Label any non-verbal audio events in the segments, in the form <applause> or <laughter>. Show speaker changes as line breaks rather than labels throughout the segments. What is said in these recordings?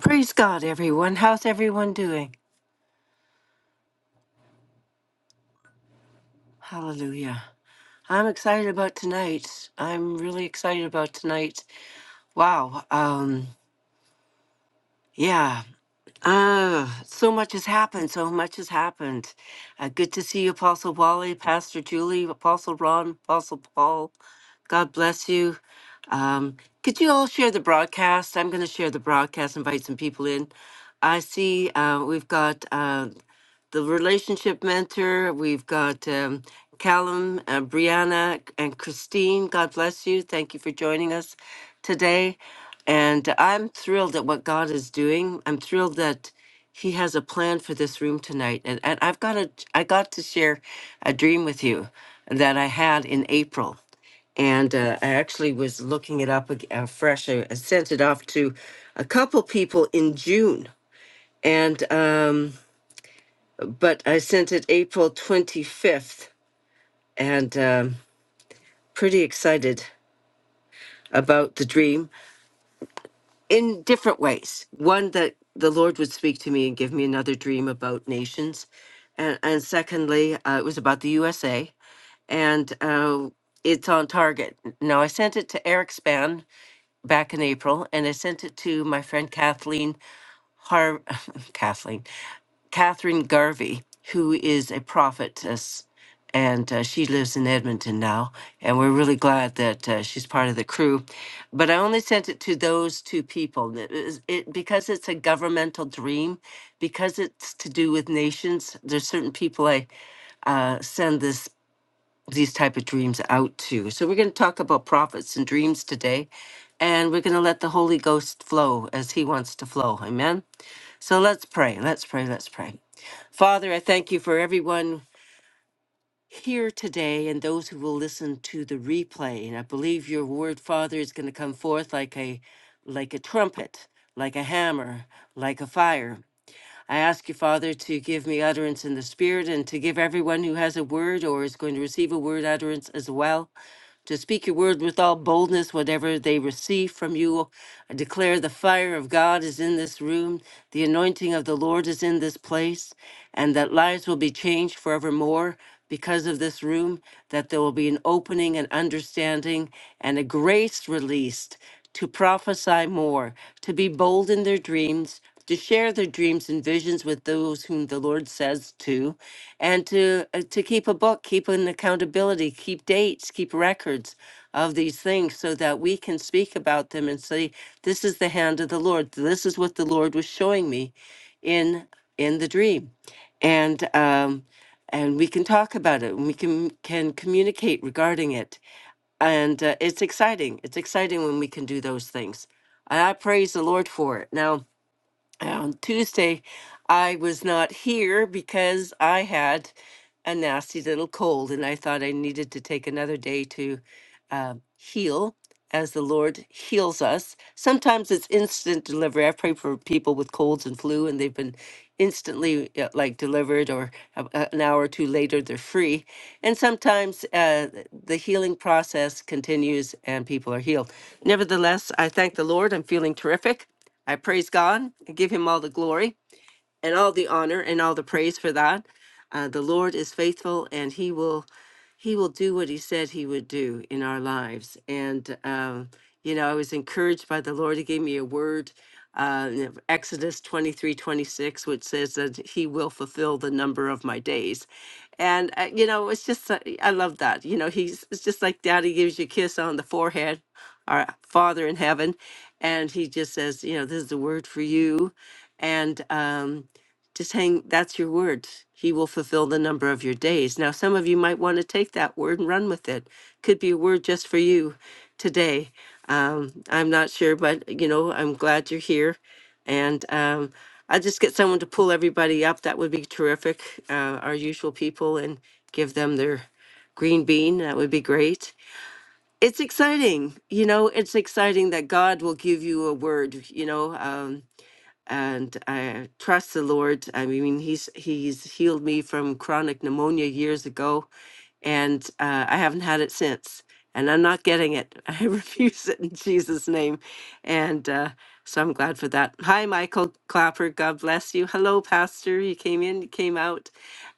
Praise God, everyone. How's everyone doing? Hallelujah. I'm excited about tonight. I'm really excited about tonight. Wow. Um, yeah. Uh, so much has happened. So much has happened. Uh, good to see you, Apostle Wally, Pastor Julie, Apostle Ron, Apostle Paul. God bless you. Um, could you all share the broadcast? I'm going to share the broadcast, invite some people in. I see uh, we've got uh, the relationship mentor. We've got um, Callum, uh, Brianna, and Christine. God bless you. Thank you for joining us today. And I'm thrilled at what God is doing. I'm thrilled that He has a plan for this room tonight. And, and I've got a, I got to share a dream with you that I had in April. And uh, I actually was looking it up ag- uh, fresh. I, I sent it off to a couple people in June. And um but I sent it April 25th and um, pretty excited about the dream in different ways. One, that the Lord would speak to me and give me another dream about nations. And, and secondly, uh, it was about the USA and uh, it's on target. Now, I sent it to Eric Span back in April and I sent it to my friend Kathleen Har- <laughs> Kathleen. Catherine Garvey, who is a prophetess, and uh, she lives in Edmonton now. And we're really glad that uh, she's part of the crew. But I only sent it to those two people that is- it, because it's a governmental dream, because it's to do with nations. There's certain people I uh, send this these type of dreams out to. So we're going to talk about prophets and dreams today, and we're going to let the Holy Ghost flow as he wants to flow. Amen. So let's pray. Let's pray. Let's pray. Father, I thank you for everyone here today and those who will listen to the replay. And I believe your word, Father, is going to come forth like a like a trumpet, like a hammer, like a fire. I ask you, Father, to give me utterance in the Spirit and to give everyone who has a word or is going to receive a word utterance as well. To speak your word with all boldness, whatever they receive from you. I declare the fire of God is in this room, the anointing of the Lord is in this place, and that lives will be changed forevermore because of this room, that there will be an opening and understanding and a grace released to prophesy more, to be bold in their dreams, to share their dreams and visions with those whom the Lord says to, and to uh, to keep a book, keep an accountability, keep dates, keep records of these things, so that we can speak about them and say, "This is the hand of the Lord. This is what the Lord was showing me in in the dream," and um, and we can talk about it, and we can can communicate regarding it, and uh, it's exciting. It's exciting when we can do those things. And I praise the Lord for it. Now, on Tuesday, I was not here because I had a nasty little cold, and I thought I needed to take another day to uh, heal as the Lord heals us. Sometimes it's instant delivery. I pray for people with colds and flu, and they've been instantly uh, like delivered, or a- a- an hour or two later, they're free. And sometimes uh, the healing process continues and people are healed. Nevertheless, I thank the Lord. I'm feeling terrific. I praise God and give him all the glory and all the honor and all the praise for that. Uh, the Lord is faithful, and He will, He will do what He said He would do in our lives. And um, you know, I was encouraged by the Lord. He gave me a word, uh, in Exodus twenty three twenty six, which says that He will fulfill the number of my days. And uh, you know, it's just uh, I love that. You know, He's it's just like Daddy gives you a kiss on the forehead, our Father in heaven, and He just says, you know, this is the word for you and um, just hang, that's your word. He will fulfill the number of your days. Now, some of you might want to take that word and run with it. Could be a word just for you today. Um, I'm not sure, but you know, I'm glad you're here. And um, I'll just get someone to pull everybody up. That would be terrific. Uh, our usual people and give them their green bean. That would be great. It's exciting. You know, it's exciting that God will give you a word. You know, um, and I trust the Lord. I mean, he's he's healed me from chronic pneumonia years ago, and uh, I haven't had it since. And I'm not getting it. <laughs> I refuse it in Jesus' name. And uh, so I'm glad for that. Hi, Michael Clapper. God bless you. Hello, Pastor. You came in, you came out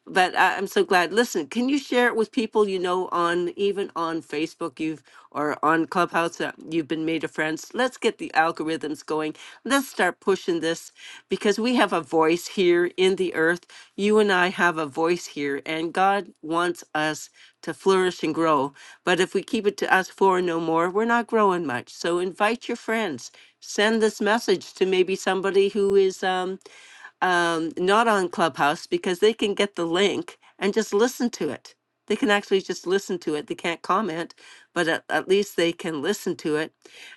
but I, I'm so glad. Listen, can you share it with people you know on even on Facebook you've or on Clubhouse that you've been made a friends? Let's get the algorithms going. Let's start pushing this because we have a voice here in the earth. You and I have a voice here, and God wants us to flourish and grow. But if we keep it to us four and no more, we're not growing much. So invite your friends. Send this message to maybe somebody who is um, um, not on Clubhouse because they can get the link and just listen to it. They can actually just listen to it. They can't comment, but at, at least they can listen to it.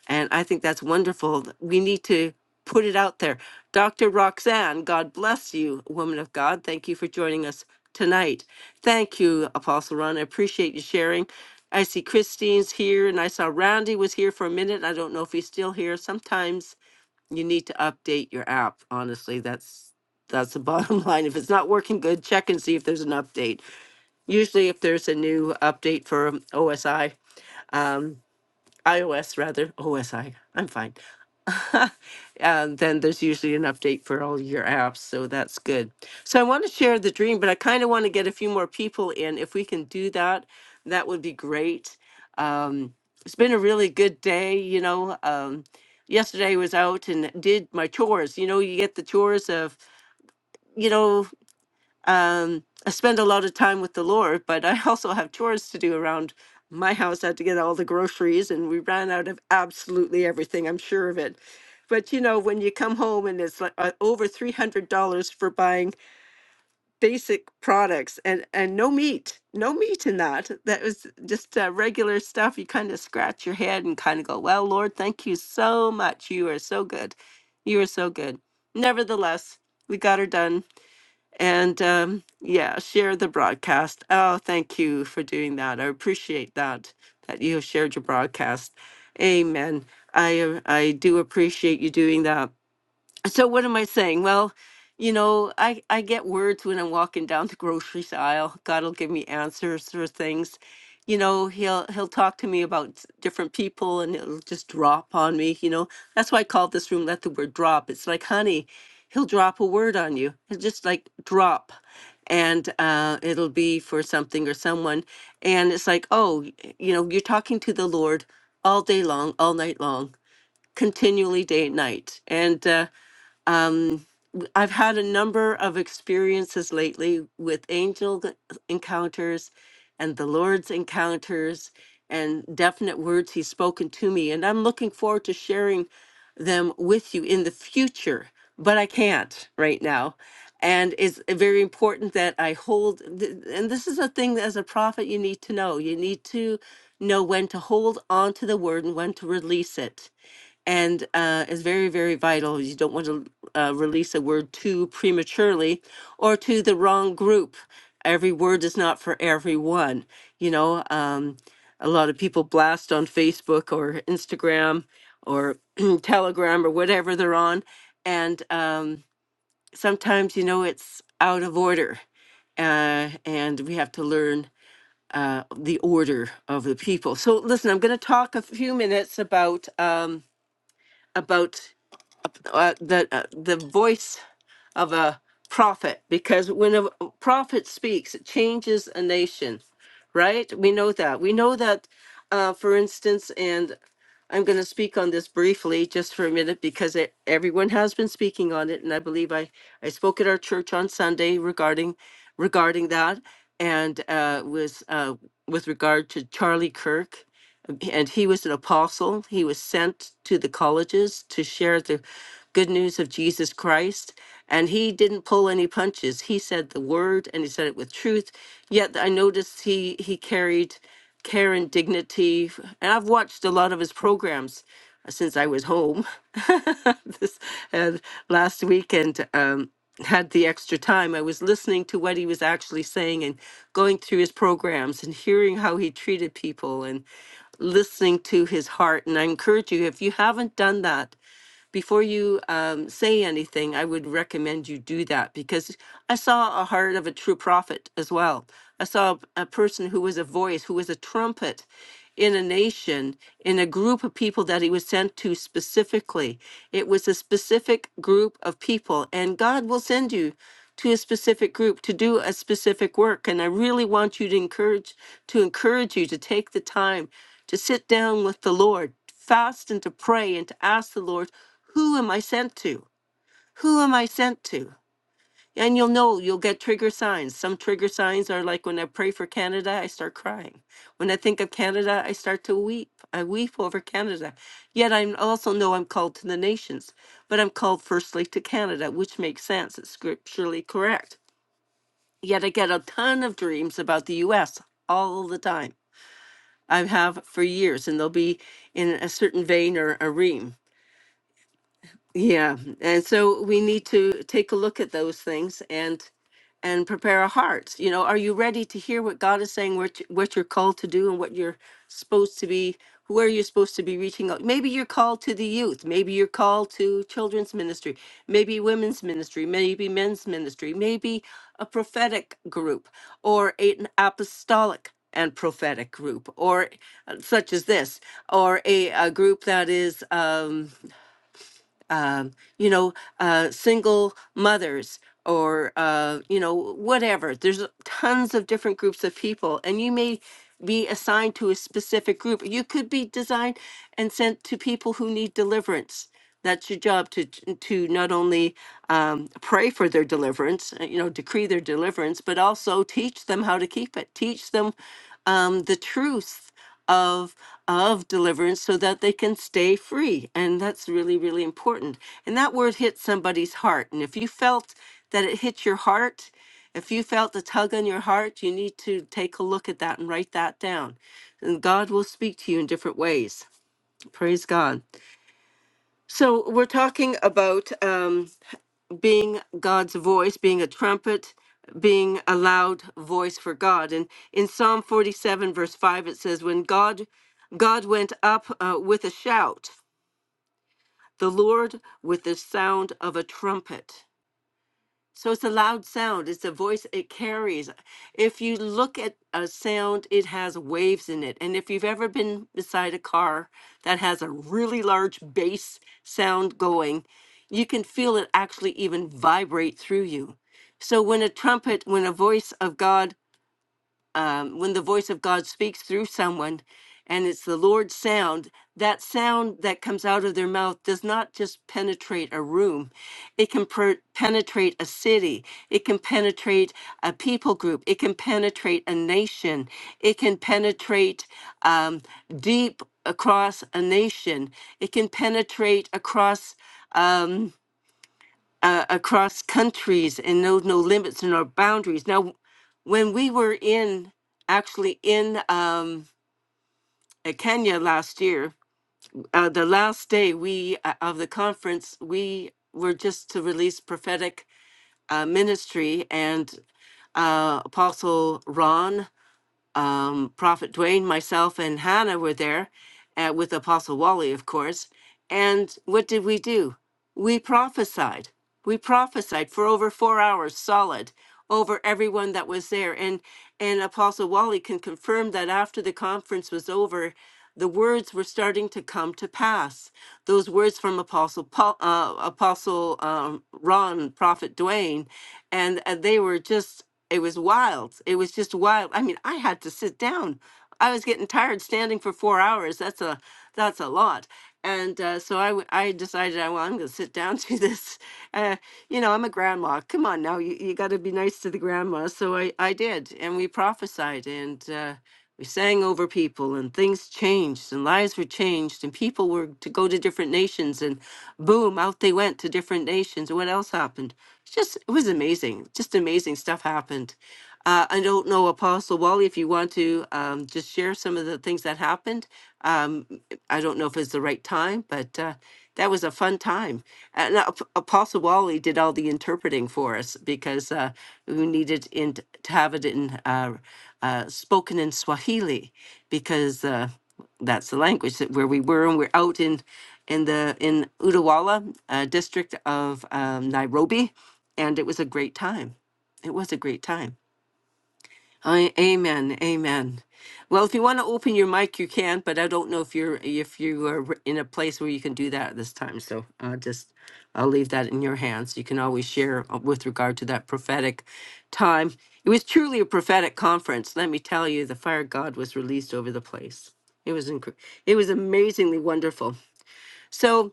And I think that's wonderful. We need to put it out there. Dr. Roxanne, God bless you, woman of God. Thank you for joining us tonight. Thank you, Apostle Ron. I appreciate you sharing. I see Christine's here, and I saw Randy was here for a minute. I don't know if he's still here. Sometimes you need to update your app. Honestly, that's that's the bottom <laughs> line. If it's not working good, check and see if there's an update. Usually, if there's a new update for um, OSI, um, iOS rather, OSI, I'm fine. And then there's usually an update for all your apps. So that's good. So I want to share the dream, but I kind of want to get a few more people in. If we can do that, that would be great. Um, it's been a really good day. You know, um, yesterday I was out and did my chores. You know, you get the chores of, you know, um, I spend a lot of time with the Lord, but I <laughs> also have chores to do around my house. I had to get all the groceries, and we ran out of absolutely everything. I'm sure of it. But you know, when you come home and it's like uh, over three hundred dollars for buying basic products, and and no meat, no meat in that. That was just uh, regular stuff. You kind of scratch your head and kind of go, "Well, Lord, thank you so much. You are so good. You are so good." Nevertheless, we got her done and um, yeah, share the broadcast. Oh, thank you for doing that. I appreciate that that you have shared your broadcast. Amen. I uh, I do appreciate you doing that so what am I saying? Well, you know, I, I get words when I'm walking down the grocery aisle. God will give me answers for things. You know, he'll he'll talk to me about s- different people and it'll just drop on me, you know. That's why I called this room let the word drop. It's like honey, he'll drop a word on you. It's just like drop. And uh, it'll be for something or someone. And it's like, oh, y- you know, you're talking to the Lord all day long, all night long, continually day and night. And uh, um, I've had a number of experiences lately with angel encounters and the Lord's encounters and definite words He's spoken to me. And I'm looking forward to sharing them with you in the future, but I can't right now. And it's very important that I hold, th- and this is a thing that as a prophet you need to know. You need to know when to hold on to the word and when to release it and uh, is very, very vital. You don't want to uh, release a word too prematurely or to the wrong group. Every word is not for everyone. You know, um, a lot of people blast on Facebook or Instagram or <clears throat> Telegram or whatever they're on. And um, sometimes, you know, it's out of order. Uh, and we have to learn uh, the order of the people. So, listen, I'm going to talk a few minutes about um, about uh, the uh, the voice of a prophet because when a prophet speaks it changes a nation right we know that we know that uh, for instance and i'm going to speak on this briefly just for a minute because it, everyone has been speaking on it and i believe i i spoke at our church on sunday regarding regarding that and uh was uh with regard to charlie kirk and he was an apostle. He was sent to the colleges to share the good news of Jesus Christ. And he didn't pull any punches. He said the word and he said it with truth. Yet I noticed he, he carried care and dignity. And I've watched a lot of his programs since I was home <laughs> this and last weekend. Um, had the extra time, I was listening to what he was actually saying and going through his programs and hearing how he treated people and listening to his heart. And I encourage you, if you haven't done that, before you um, say anything, I would recommend you do that because I saw a heart of a true prophet as well. I saw a person who was a voice, who was a trumpet in a nation, in a group of people that he was sent to specifically. It was a specific group of people, and God will send you to a specific group to do a specific work. And I really want you to encourage to encourage you to take the time to sit down with the Lord fast and to pray and to ask the Lord, who am I sent to? Who am I sent to? And you'll know, you'll get trigger signs. Some trigger signs are like when I pray for Canada, I start crying. When I think of Canada, I start to weep. I weep over Canada. Yet I also know I'm called to the nations, but I'm called firstly to Canada, which makes sense. It's scripturally correct. Yet I get a ton of dreams about the US all the time. I have for years, and they'll be in a certain vein or a ream. Yeah, and so we need to take a look at those things and and prepare our hearts. You know, are you ready to hear what God is saying? What you- what you're called to do and what you're supposed to be? Where you're supposed to be reaching out? Maybe you're called to the youth. Maybe you're called to children's ministry. Maybe women's ministry. Maybe men's ministry. Maybe a prophetic group or an apostolic and prophetic group or uh, such as this or a, a group that is um, um, you know, uh, single mothers or, uh, you know, whatever. There's tons of different groups of people, and you may be assigned to a specific group. You could be designed and sent to people who need deliverance. That's your job to to not only um, pray for their deliverance, uh, you know, decree their deliverance, but also teach them how to keep it. Teach them um, the truth of of deliverance so that they can stay free and that's really really important and that word hit somebody's heart and if you felt that it hit your heart if you felt a tug on your heart you need to take a look at that and write that down and god will speak to you in different ways praise god so we're talking about um, being God's voice, being a trumpet, being a loud voice for God. And in Psalm 47, verse 5, it says, When God God went up uh, with a shout, the Lord with the sound of a trumpet. So it's a loud sound. It's a voice it carries. If you look at a sound, it has waves in it. And if you've ever been beside a car that has a really large bass sound going, you can feel it actually even vibrate through you. So when a trumpet, when a voice of God um, when the voice of God speaks through someone and it's the Lord's sound, that sound that comes out of their mouth does not just penetrate a room. It can per- penetrate a city. It can penetrate a people group. It can penetrate a nation. It can penetrate um, deep across a nation. It can penetrate across. um, uh, across countries and knows no limits nor boundaries. Now, when we were in actually in um, uh, Kenya last year, uh, the last day we uh, of the conference, we were just to release prophetic uh, ministry, and uh, Apostle Ron um, Prophet Dwayne, myself, and Hannah were there uh, with Apostle Wally, of course. And what did we do? We prophesied. We prophesied for over four hours solid over everyone that was there. And, and Apostle Wally can confirm that after the conference was over, the words were starting to come to pass. Those words from Apostle Paul, uh, Apostle um, Ron, Prophet Dwayne, and uh, they were just it was wild. It was just wild. I mean, I had to sit down. I was getting tired standing for four hours. That's a that's a lot. And uh, so I, w- I decided, I, well, I'm going to sit down <laughs> to this. Uh, you know, I'm a grandma. Come on now, you, you got to be nice to the grandma. So I, I did. And we prophesied. And uh, we sang over people and things changed and lives were changed and people were to go to different nations and boom out they went to different nations and what else happened it's just it was amazing just amazing stuff happened uh, i don't know apostle wally if you want to um, just share some of the things that happened um, i don't know if it's the right time but uh, that was a fun time and uh, Ap- apostle wally did all the interpreting for us because uh, we needed in, to have it in uh, uh, spoken in Swahili because uh, that's the language that where we were, and we're out in in the in Utawala uh, district of um, Nairobi, and it was a great time. It was a great time. I, amen, amen. Well, if you want to open your mic, you can, but I don't know if you're if you are r- in a place where you can do that at this time. So I'll just I'll leave that in your hands. You can always share uh, with regard to that prophetic time. It was truly a prophetic conference. Let me tell you, the fire of God was released over the place. It was inc- it was amazingly wonderful. So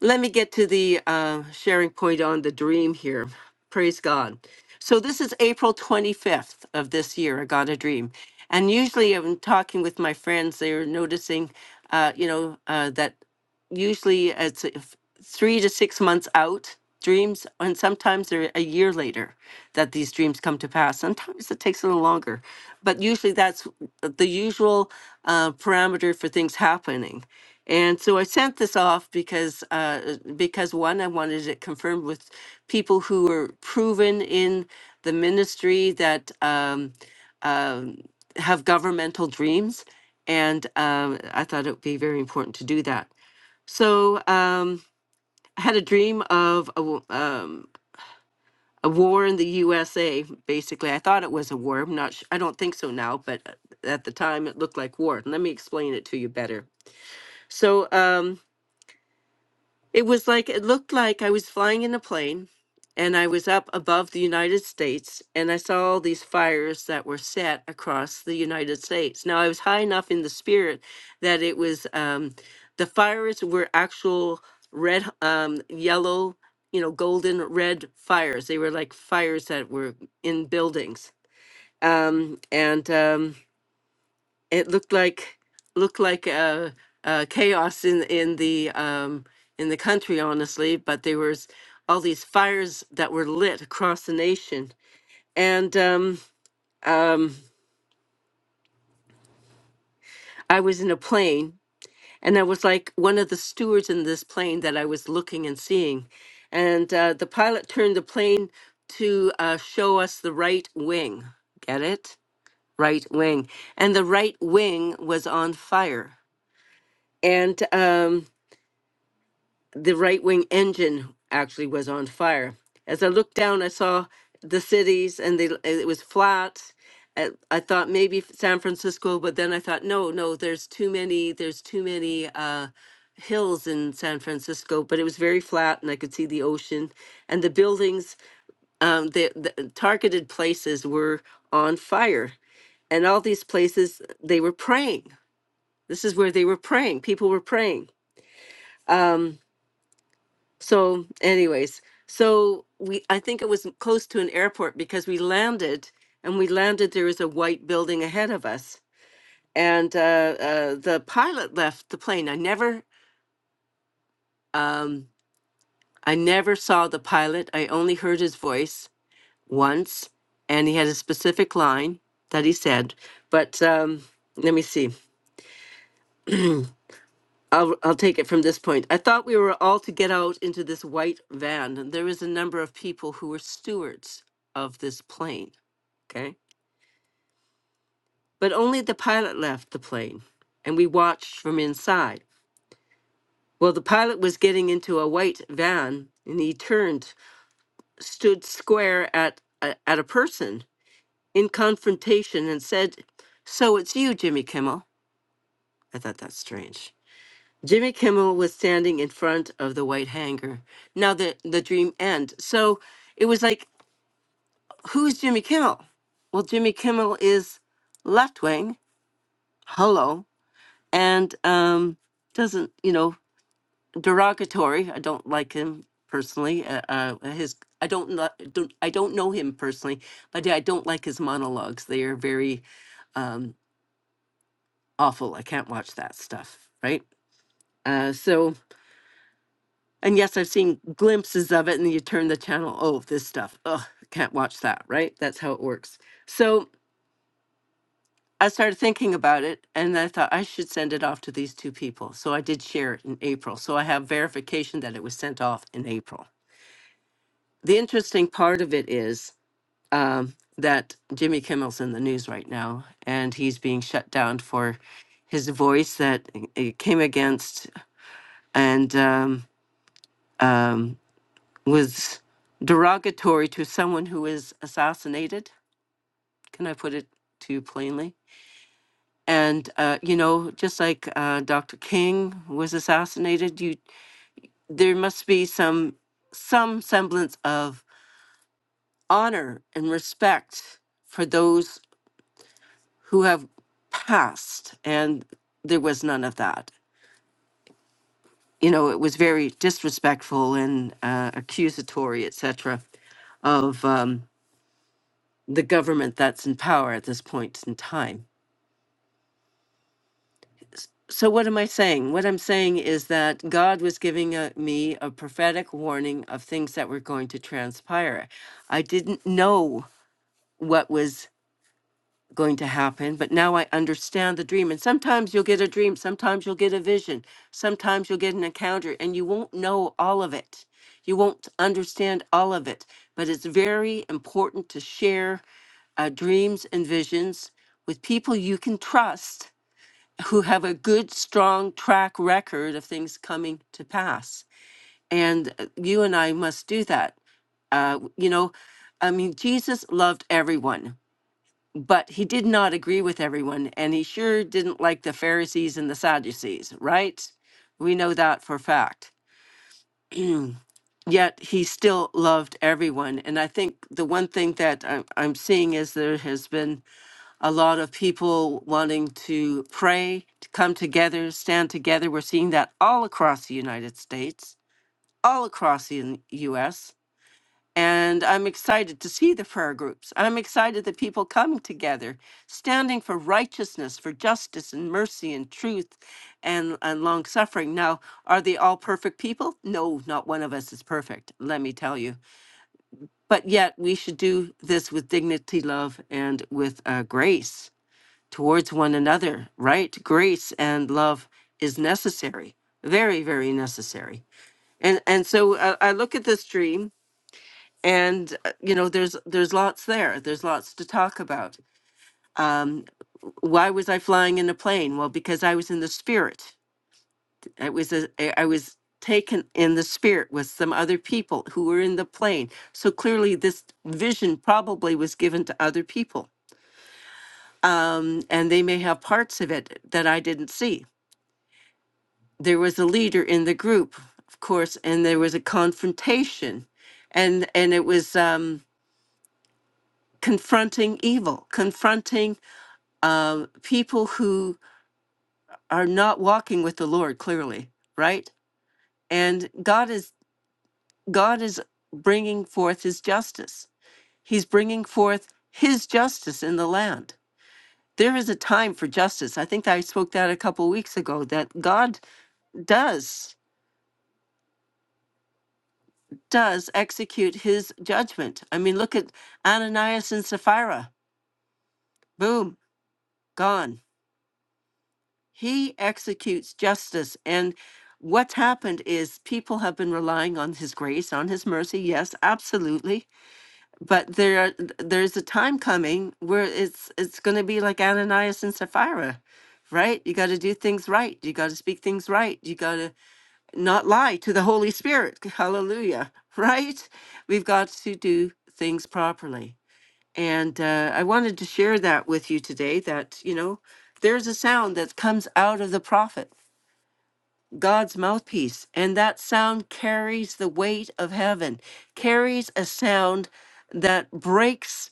let me get to the uh, sharing point on the dream here. Praise God. So this is April 25th of this year. I got a dream, and usually I'm talking with my friends. They're noticing, uh, you know, uh, that usually it's if- three to six months out dreams and sometimes they're a year later that these dreams come to pass sometimes it takes a little longer but usually that's the usual uh, parameter for things happening and so i sent this off because uh, because one i wanted it confirmed with people who were proven in the ministry that um, um, have governmental dreams and um, i thought it would be very important to do that so um, I had a dream of a, w- um, a war in the USA. Basically, I thought it was a war. I'm not. Sh- I don't think so now, but uh, at the time it looked like war. Let me explain it to you better. So. Um, It was like it looked like I was flying in a plane and I was up above the United States and I saw all these fires that were set across the United States. Now I was high enough in the spirit that it was um the fires were actual red um yellow, you know, golden red fires. They were like fires that were in buildings. Um and um it looked like looked like uh, uh, chaos in in the um, in the country, honestly. But there was all these fires that were lit across the nation, and um, um, I was in a plane, and I was like one of the stewards in this plane that I was looking and seeing, and uh, the pilot turned the plane to uh, show us the right wing. Get it? Right wing, and the right wing was on fire, and. Um, the right wing engine actually was on fire. As I looked down, I saw the cities and they, it was flat. I, I thought maybe f- San Francisco, but then I thought, no, no, there's too many, there's too many uh, hills in San Francisco. But it was very flat and I could see the ocean and the buildings, um, the, the targeted places were on fire. And all these places, they were praying. This is where they were praying. People were praying Um, So, anyways, so we I think it was close to an airport because we landed and we landed there was a white building ahead of us. And uh, uh, the pilot left the plane. I never um, I never saw the pilot. I only heard his voice once and he had a specific line that he said. But um, let me see. I'll I'll take it from this point. I thought we were all to get out into this white van, and there was a number of people who were stewards of this plane. Okay, but only the pilot left the plane, and we watched from inside. Well, the pilot was getting into a white van, and he turned, stood square at a, at a person in confrontation, and said, "So it's you, Jimmy Kimmel." I thought that's strange. Jimmy Kimmel was standing in front of the white hanger. Now the the dream end. So it was like, who's Jimmy Kimmel? Well, Jimmy Kimmel is left wing, hello, and um, doesn't you know derogatory. I don't like him personally. Uh, uh, his I don't, li- don't I don't know him personally, but I don't like his monologues. They are very um, awful. I can't watch that stuff. Right. Uh, so And yes, I've seen glimpses of it, and you turn the channel. Oh, this stuff. Ugh, can't watch that, right? That's how it works. So I started thinking about it, and I thought I should send it off to these two people. So I did share it in April. So I have verification that it was sent off in April. The interesting part of it is um, that Jimmy Kimmel's in the news right now, and he's being shut down for his voice that uh, came against and um, um, was derogatory to someone who is assassinated. Can I put it too plainly? And uh, you know, just like uh, Dr. King was assassinated, you there must be some some semblance of honor and respect for those who have passed, and there was none of that. You know, it was very disrespectful and uh, accusatory, etc., of um, the government that's in power at this point in time. So, what am I saying? What I'm saying is that God was giving a, me a prophetic warning of things that were going to transpire. I didn't know what was going to happen, but now I understand the dream. And sometimes you'll get a dream, sometimes you'll get a vision, sometimes you'll get an encounter, and you won't know all of it. You won't understand all of it. But it's very important to share uh, dreams and visions with people you can trust who have a good, strong track record of things coming to pass. And uh, you and I must do that. Uh, you know, I mean, Jesus loved everyone but he did not agree with everyone, and he sure didn't like the Pharisees and the Sadducees, right? We know that for fact. Yet he still loved everyone. And I think the one thing that I'm, I'm seeing is there has been a lot of people wanting to pray, to come together, stand together. We're seeing that all across the United States, all across the US And I'm excited to see the prayer groups. I'm excited that people come together, standing for righteousness, for justice and mercy and truth and, and long suffering. Now, are they all perfect people? No, not one of us is perfect, let me tell you. But yet, we should do this with dignity, love, and with uh, grace towards one another, right? Grace and love is necessary, very, very necessary. And, and so I, I look at this dream and uh, you know there's there's lots there there's lots to talk about um why was i flying in a plane well because i was in the spirit i was a, i I was taken in the spirit with some other people who were in the plane so clearly this vision probably was given to other people um and they may have parts of it that i didn't see there was a leader in the group of course and there was a confrontation and and it was um confronting evil confronting uh, people who are not walking with the Lord clearly, right? And God is God is bringing forth His justice. He's bringing forth His justice in the land. There is a time for justice. I think I spoke that a couple weeks ago. That God does does execute His judgment. I mean, look at Ananias and Sapphira. Boom, gone He executes justice. And what's happened is people have been relying on his grace, on his mercy. Yes, absolutely. But there th- there's a time coming where it's it's going to be like Ananias and Sapphira. Right? You got to do things right. You got to speak things right. You got to not lie to the Holy Spirit. <laughs> Hallelujah. Right? We've got to do things properly. And uh, I wanted to share that with you today that, you know, there's a sound that comes out of the prophet God's mouthpiece, and that sound carries the weight of heaven, carries a sound that breaks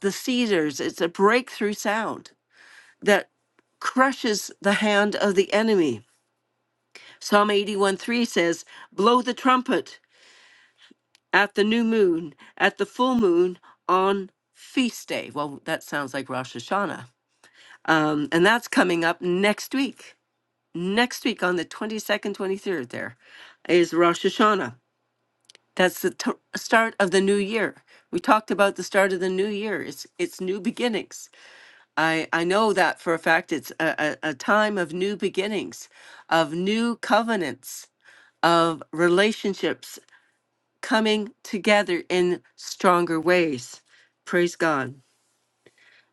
the cedars. It's a breakthrough sound that crushes the hand of the enemy. Psalm 81 3 says, Blow the trumpet at the new moon, at the full moon, on feast day. Well, that sounds like Rosh Hashanah. Um, and that's coming up next week. Next week on the 22nd, 23rd, there is Rosh Hashanah. That's the t- start of the new year. We talked about the start of the new year. It's it's new beginnings. I I know that for a fact. It's a, a, a time of new beginnings, of new covenants, of relationships coming together in stronger ways. Praise God.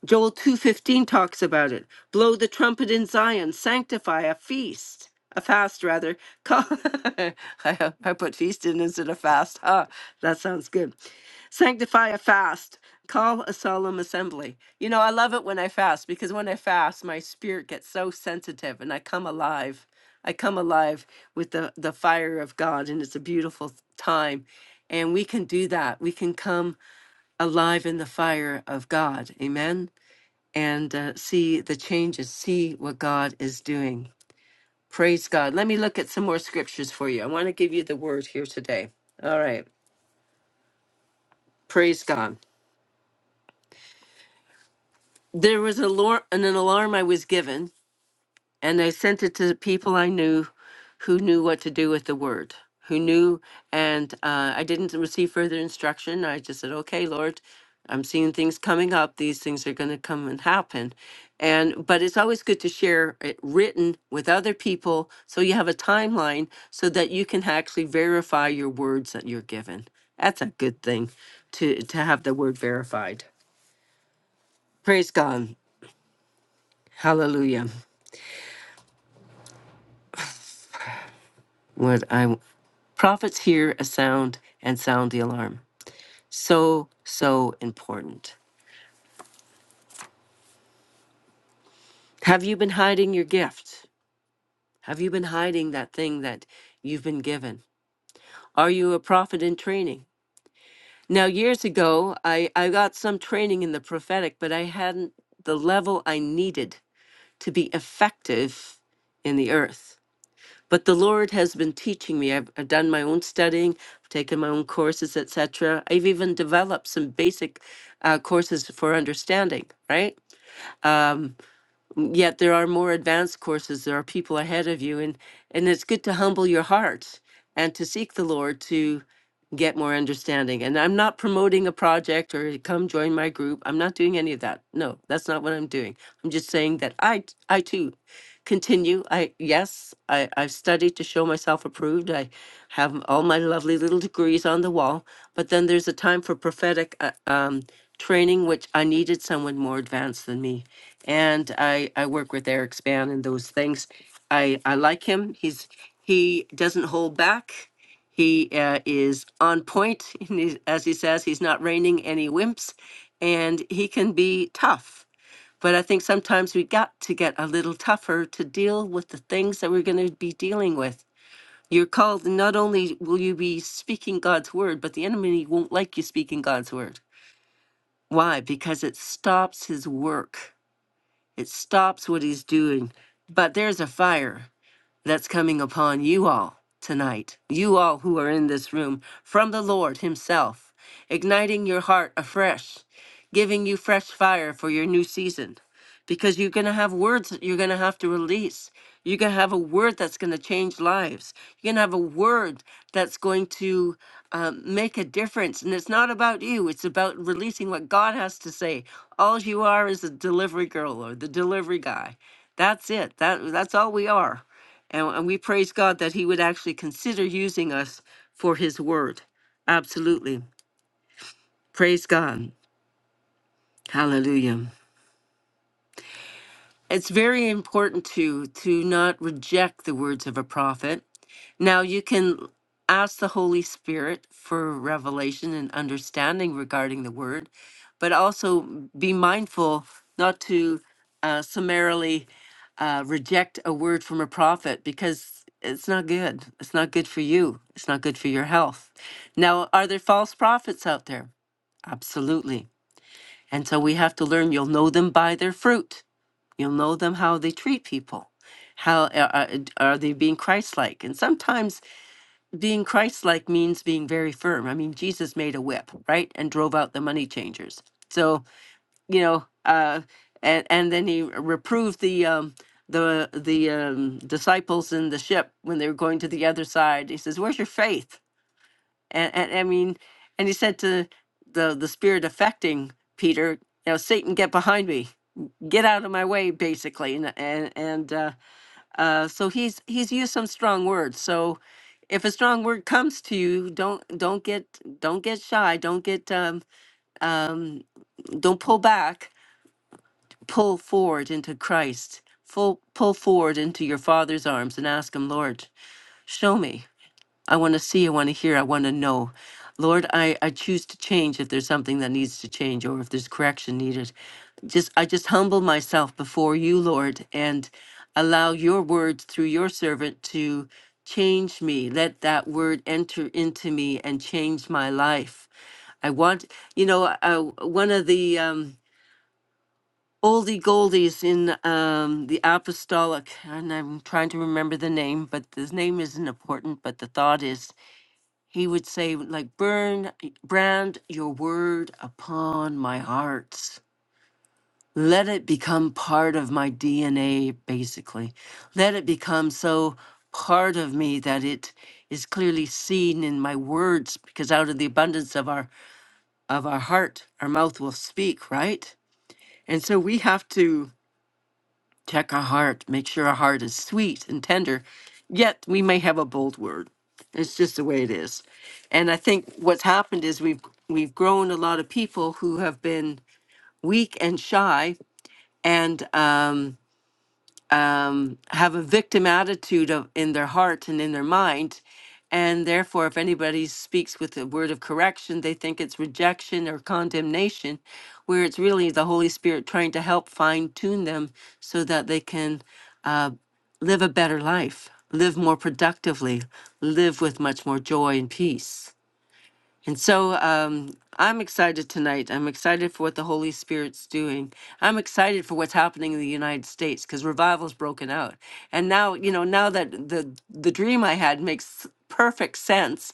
Joel 2:15 talks about it. Blow the trumpet in Zion, sanctify a feast, a fast rather. Call <laughs> I, I put feast in instead of fast. Ah, that sounds good. Sanctify a fast. Call a solemn assembly. You know, I love it when I fast because when I fast, my spirit gets so sensitive and I come alive. I come alive with the, the fire of God, and it's a beautiful time. And we can do that. We can come alive in the fire of God. Amen and uh, see the changes, see what God is doing. Praise God. Let me look at some more scriptures for you. I want to give you the word here today. All right. Praise God. There was a alarm, an alarm I was given and I sent it to the people I knew who knew what to do with the word, who knew. And uh, I didn't receive further instruction. I just said, okay, Lord, I'm seeing things coming up. These things are going to come and happen. And, but it's always good to share it written with other people so you have a timeline so that you can actually verify your words that you're given. That's a good thing to, to have the word verified. Praise God. Hallelujah. What I prophets hear a sound and sound the alarm. So, so important. Have you been hiding your gift? Have you been hiding that thing that you've been given? Are you a prophet in training? Now, years ago, I, I got some training in the prophetic, but I hadn't the level I needed to be effective in the earth. but the lord has been teaching me i've, I've done my own studying i've taken my own courses etc i've even developed some basic uh, courses for understanding right Um, yet there are more advanced courses there are people ahead of you and and it's good to humble your heart and to seek the lord to get more understanding and i'm not promoting a project or "Hey, come join my group i'm not doing any of that no that's not what i'm doing i'm just saying that i t- i too continue i yes i i've studied to show myself approved i have all my lovely little degrees on the wall but then there's a time for prophetic uh, um training, which I needed someone more advanced than me. And I, I work with Eric Span and those things. I, I like him. He's he doesn't hold back. He uh, is on point, <laughs> and he's- as he says. He's not reigning any wimps, and he can be tough. But I think sometimes we got to get a little tougher to deal with the things that we're going to be dealing with. You're called. Not only will you be speaking God's word, but the enemy won't like you speaking God's word why? Because it stops his work. It stops what he's doing. But there's a fire that's coming upon you all tonight, you all who are in this room, from the Lord Himself, igniting your heart afresh, giving you fresh fire for your new season. Because you're going to have words that you're going to have to release. You're going to have a word that's going to change lives. You're going to have a word that's going to um, make a difference. And it's not about you, it's about releasing what God has to say. All you are is a delivery girl or the delivery guy. That's it. That, that's all we are. And, and we praise God that He would actually consider using us for His word. Absolutely. Praise God. Hallelujah. It's very important to to not reject the words of a prophet. Now you can ask the Holy Spirit for revelation and understanding regarding the word, but also be mindful not to uh, summarily uh, reject a word from a prophet because it's not good. It's not good for you. It's not good for your health. Now, are there false prophets out there? Absolutely. And so we have to learn you'll know them by their fruit. You'll know them how they treat people. How are, are they being Christ like? And sometimes being Christ like means being very firm. I mean, Jesus made a whip, right? And drove out the money changers. So, you know, uh, and, and then he reproved the. Um, the the um, disciples in the ship when they were going to the other side he says where's your faith and, and I mean, and he said to the the spirit affecting Peter, you know, Satan, get behind me, get out of my way, basically, and and, and uh, uh, so he's he's used some strong words. So if a strong word comes to you, don't don't get don't get shy, don't get um, um, don't pull back, pull forward into Christ. pull pull forward into your father's arms and ask him lord show me I want to see, I want to hear, I want to know. Lord, I, I choose to change if there's something that needs to change or if there's correction needed. Just I just humble myself before you, Lord, and allow your word through your servant to change me. Let that word enter into me and change my life. I want, you know, uh, one of the um, oldie goldies in um, the apostolic, and I'm trying to remember the name, but the name isn't important, but the thought is he would say, like, burn, brand your word upon my heart. Let it become part of my DNA, basically. Let it become so part of me that it is clearly seen in my words, because out of the abundance of our of our heart, our mouth will speak, right? And so we have to Check our heart, make sure our heart is sweet and tender. Yet we may have a bold word. It's just the way it is. And I think what's happened is we've we've grown a lot of people who have been weak and shy and um um, have a victim attitude of, in their heart and in their mind. And therefore, if anybody speaks with a word of correction, they think it's rejection or condemnation, where it's really the Holy Spirit trying to help fine tune them so that they can uh, live a better life, live more productively, live with much more joy and peace. And so um, I'm excited tonight. I'm excited for what the Holy Spirit's doing. I'm excited for what's happening in the United States because revival's broken out. And now, you know, now that the the dream I had makes perfect sense,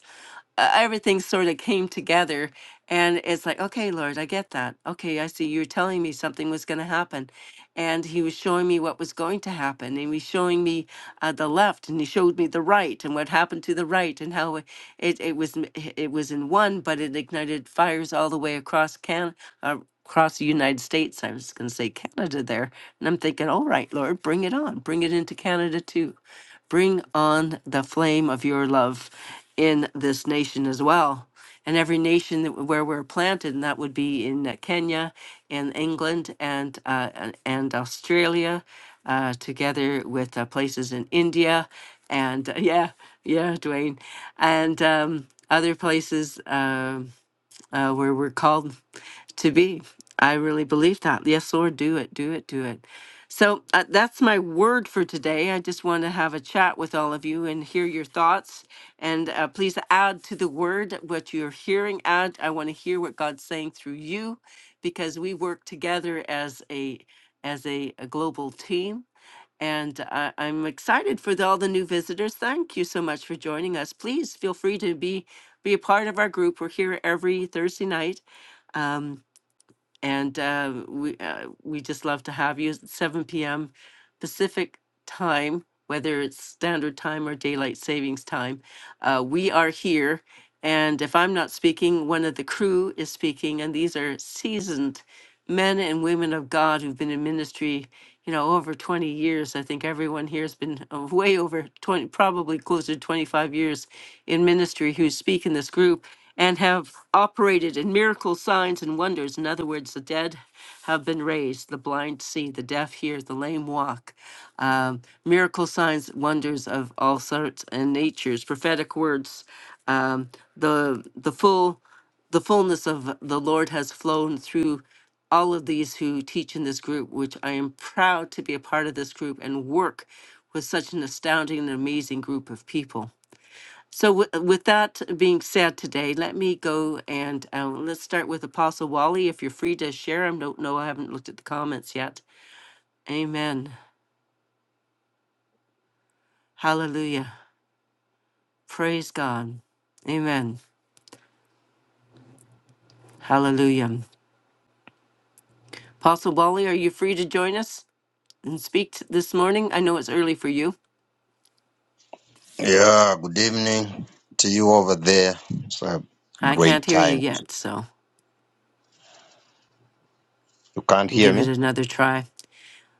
uh, everything sort of came together. And it's like, okay, Lord, I get that. Okay, I see you're telling me something was going to happen and he was showing me what was going to happen. He was showing me uh, the left, and he showed me the right, and what happened to the right, and how it it, it was m- it was in one, but it ignited fires all the way across Can uh, across the United States. I was going to say Canada there, and I'm thinking, all right, Lord, bring it on, bring it into Canada too. Bring on the flame of your love in this nation as well. And every nation that, where we're planted, and that would be in uh, Kenya and England and, uh, and and Australia, uh, together with uh, places in India and <laughs> uh, yeah, yeah, Dwayne, and um, other places. um uh, where we're called to be. I really believe that. Yes, Lord, do it, do it, do it. So uh, that's my word for today. I just want to have a chat with all of you and hear your thoughts. And uh, please add to the word what you're hearing. Add, I want to hear what God's saying through you, because we work together as a as a, a global team and I, I'm excited for the, all the new visitors. Thank you so much for joining us. Please feel free to be be a part of our group. We're here every Thursday night, um, and uh, we uh, we just love to have you. It's 7 p.m. Pacific time, whether it's Standard Time or Daylight Savings Time, uh, we are here. And if I'm not speaking, one of the crew is speaking, and these are seasoned men and women of God who've been in ministry, you know, over 20 years. I think everyone here has been uh, way over 20, probably closer to 25 years in ministry who speak in this group and have operated in miracle signs, and wonders. In other words, the dead have been raised, the blind see, the deaf hear, the lame walk. Um, miracle signs, wonders of all sorts and natures, prophetic words, um, the the full the fullness of the Lord has flown through all of these who teach in this group, which I am proud to be a part of this group and work with such an astounding and amazing group of people. So, wi- with that being said today, let me go and uh, let's start with Apostle Wally. If you're free to share, I don't know, I haven't looked at the comments yet. Amen. Hallelujah. Praise God. Amen. Hallelujah. Apostle Wally, are you free to join us and speak t- this morning? I know it's early for you.
Yeah, good evening to you over there. It's a
I can't
great
hear you
time.
yet, so
You can't hear
give it
me?
another try.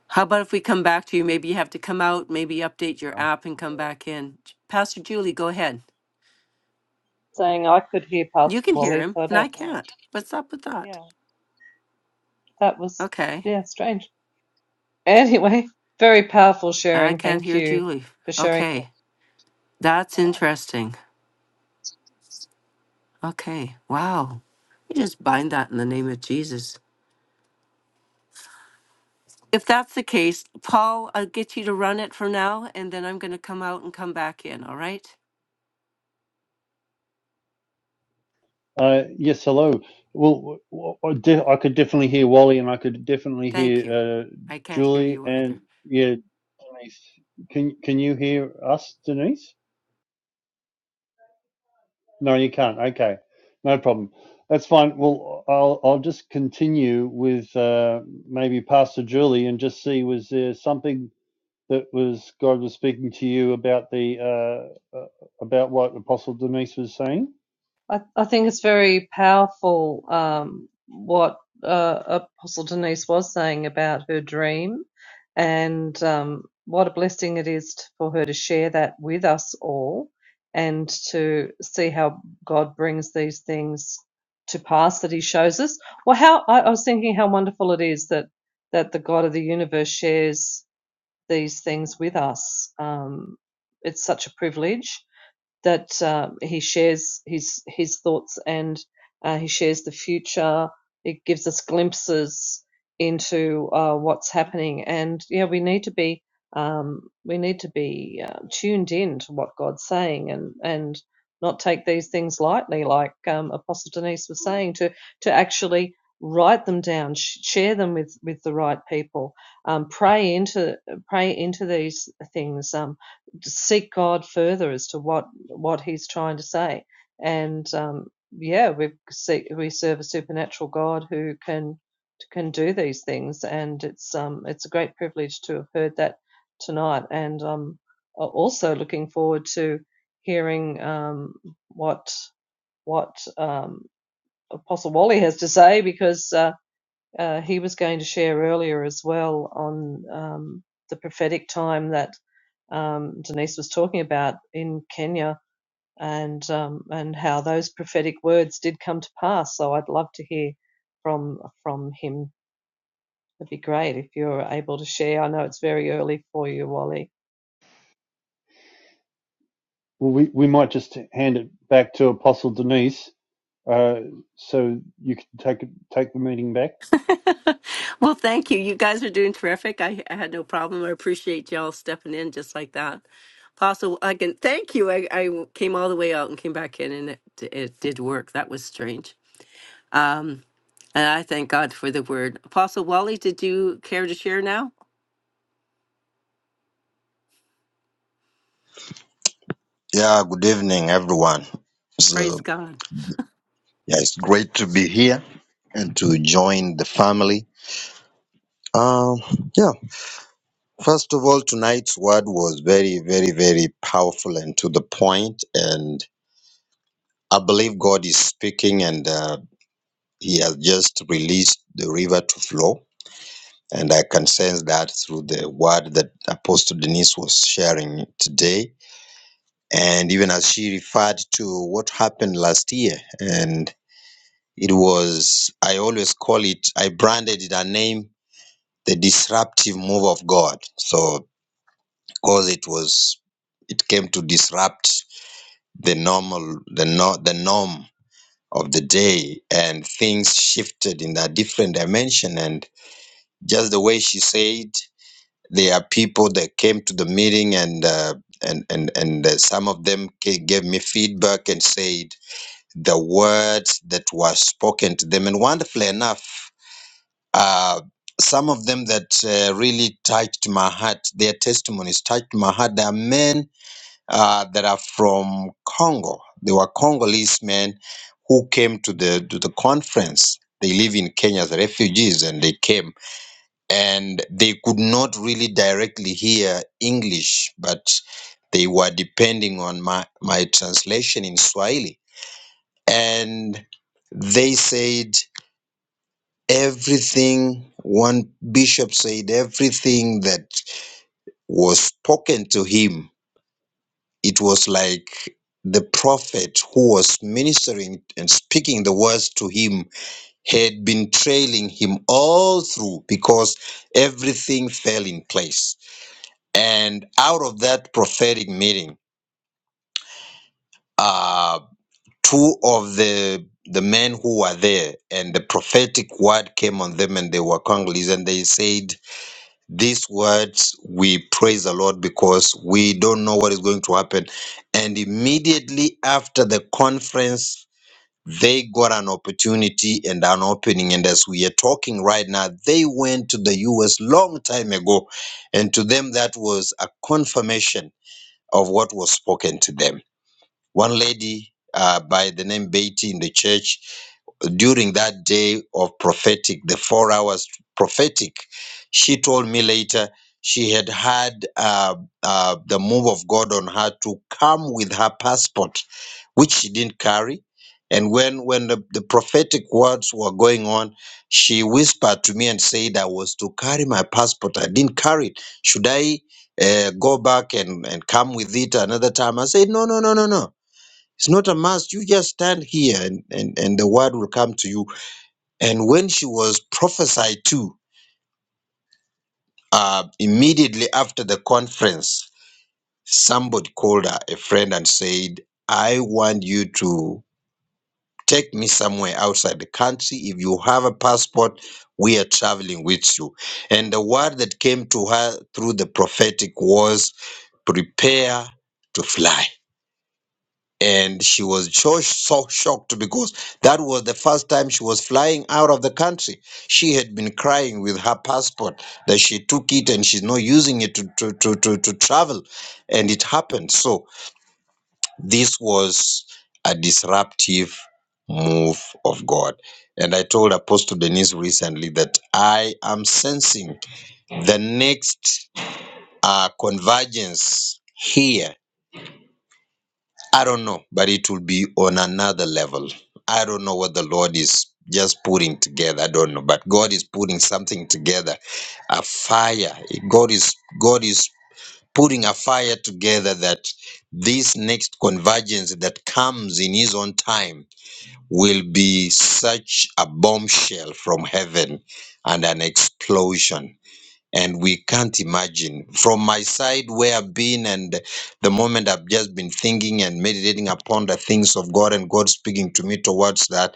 How about if we come back to you? Maybe you have to come out, maybe update your
Yeah.
I
app and
can hear
come
it.
back in. J- Pastor Julie, go ahead.
saying I could hear Pastor
You can hear
Wally,
him,
so I
and I
don't know.
can't. What's up with that?
Yeah, that was
Okay.
yeah strange. Anyway, very powerful
I
sharing.
can't
Thank
hear
you
Julie.
for sharing
Okay.
that.
That's interesting. Okay. Wow. You just bind that in the name of Jesus. If that's the case, Paul, I'll get you to run it for now, and then I'm going to come out and come back in. All right?
Uh, yes, hello. Well, w- w- I de- I could definitely hear Wally, and I could definitely
Thank
hear
you.
uh,
I can't hear
Julie,
you either.
and yeah, Denise. Can can you hear us, Denise? No, you can't. Okay, no problem. That's fine. Well, I'll I'll just continue with uh, maybe Pastor Julie, and just see was there something that was God was speaking to you about the uh, uh, about what Apostle Denise was saying.
I, I think it's very powerful um, what uh, Apostle Denise was saying about her dream, and um, what a blessing it is t for her to share that with us all, and to see how God brings these things to pass that He shows us. Well, how I, I was thinking how wonderful it is that that the God of the universe shares these things with us. Um, it's such a privilege that uh, he shares his his thoughts and uh, he shares the future. It gives us glimpses into uh, what's happening, and yeah, we need to be um, we need to be uh, tuned in to what God's saying, and and not take these things lightly, like um, Apostle Denise was saying, to to actually write them down, sh- share them with with the right people, um, pray into pray into these things, um, seek God further as to what what he's trying to say. And um, yeah, we see, we serve a supernatural God who can can do these things, and it's um, it's a great privilege to have heard that tonight. And um, also looking forward to hearing um, what what um, Apostle Wally has to say because uh, uh, he was going to share earlier as well on um, the prophetic time that um, Denise was talking about in Kenya and um, and how those prophetic words did come to pass. So I'd love to hear from from him. It'd be great if you're able to share. I know it's very early for you, Wally.
Well, we, we might just hand it back to Apostle Denise, uh, so you can take take the meeting back.
<laughs> well, thank you. You guys are doing terrific. I, I had no problem. I appreciate y'all stepping in just like that. Apostle, I can thank you. I, I came all the way out and came back in, and it, it did work. That was strange. Um, and I thank God for the word. Apostle Wally, did you care to share now?
Yeah, good evening, everyone. It's, uh,
Praise God.
yeah, it's great to be here and to join the family. Um, yeah, first of all, tonight's word was very, very, very powerful and to the point, point. And I believe God is speaking and uh, He has just released the river to flow. And I can sense that through the word that Apostle Denise was sharing today and even as she referred to what happened last year and it was i always call it i branded it a name the disruptive move of god so because it was it came to disrupt the normal the no, the norm of the day and things shifted in a different dimension and just the way she said there are people that came to the meeting and uh, and and and uh, some of them ca- gave me feedback and said the words that were spoken to them. And wonderfully enough, uh, some of them that uh, really touched my heart, their testimonies touched my heart. There are men uh, that are from Congo. They were Congolese men who came to the to the conference. They live in Kenya as refugees, and they came, and they could not really directly hear English, but they were depending on my my translation in Swahili and they said everything one bishop said everything that was spoken to him it was like the prophet who was ministering and speaking the words to him had been trailing him all through because everything fell in place and out of that prophetic meeting uh, two of the the men who were there and the prophetic word came on them and they were congolese and they said these words we praise the lord because we don't know what is going to happen and immediately after the conference they got an opportunity and an opening and as we are talking right now they went to the us long time ago and to them that was a confirmation of what was spoken to them one lady uh, by the name Beatty in the church during that day of prophetic, the four hours prophetic. She told me later she had had uh, uh, the move of God on her to come with her passport, which she didn't carry. And when, when the, the prophetic words were going on, she whispered to me and said, I was to carry my passport. I didn't carry it. Should I uh, go back and, and come with it another time? I said, No, no, no, no, no it's not a must. You just stand here and, and, and the word will come to you. And when she was prophesied to, uh, immediately after the conference, somebody called her, a friend, and said, I want you to take me somewhere outside the country. If you have a passport, we are traveling with you. And the word that came to her through the prophetic was, Prepare to fly. and she was so, so shocked because that was the first time she was flying out of the country. She had been crying with her passport that she took it and she's not using it to, to, to, to, to travel. And it happened. So this was a disruptive move of God. And I told Apostle Denise recently that I am sensing the next uh, convergence here I don't know, but it will be on another level. I don't know what the Lord is just putting together. I don't know, but God is putting something together, a fire. God is God is putting a fire together that this next convergence that comes in His own time will be such a bombshell from heaven and an explosion and we can't imagine from my side where i've been and the moment i've just been thinking and meditating upon the things of god and god speaking to me towards that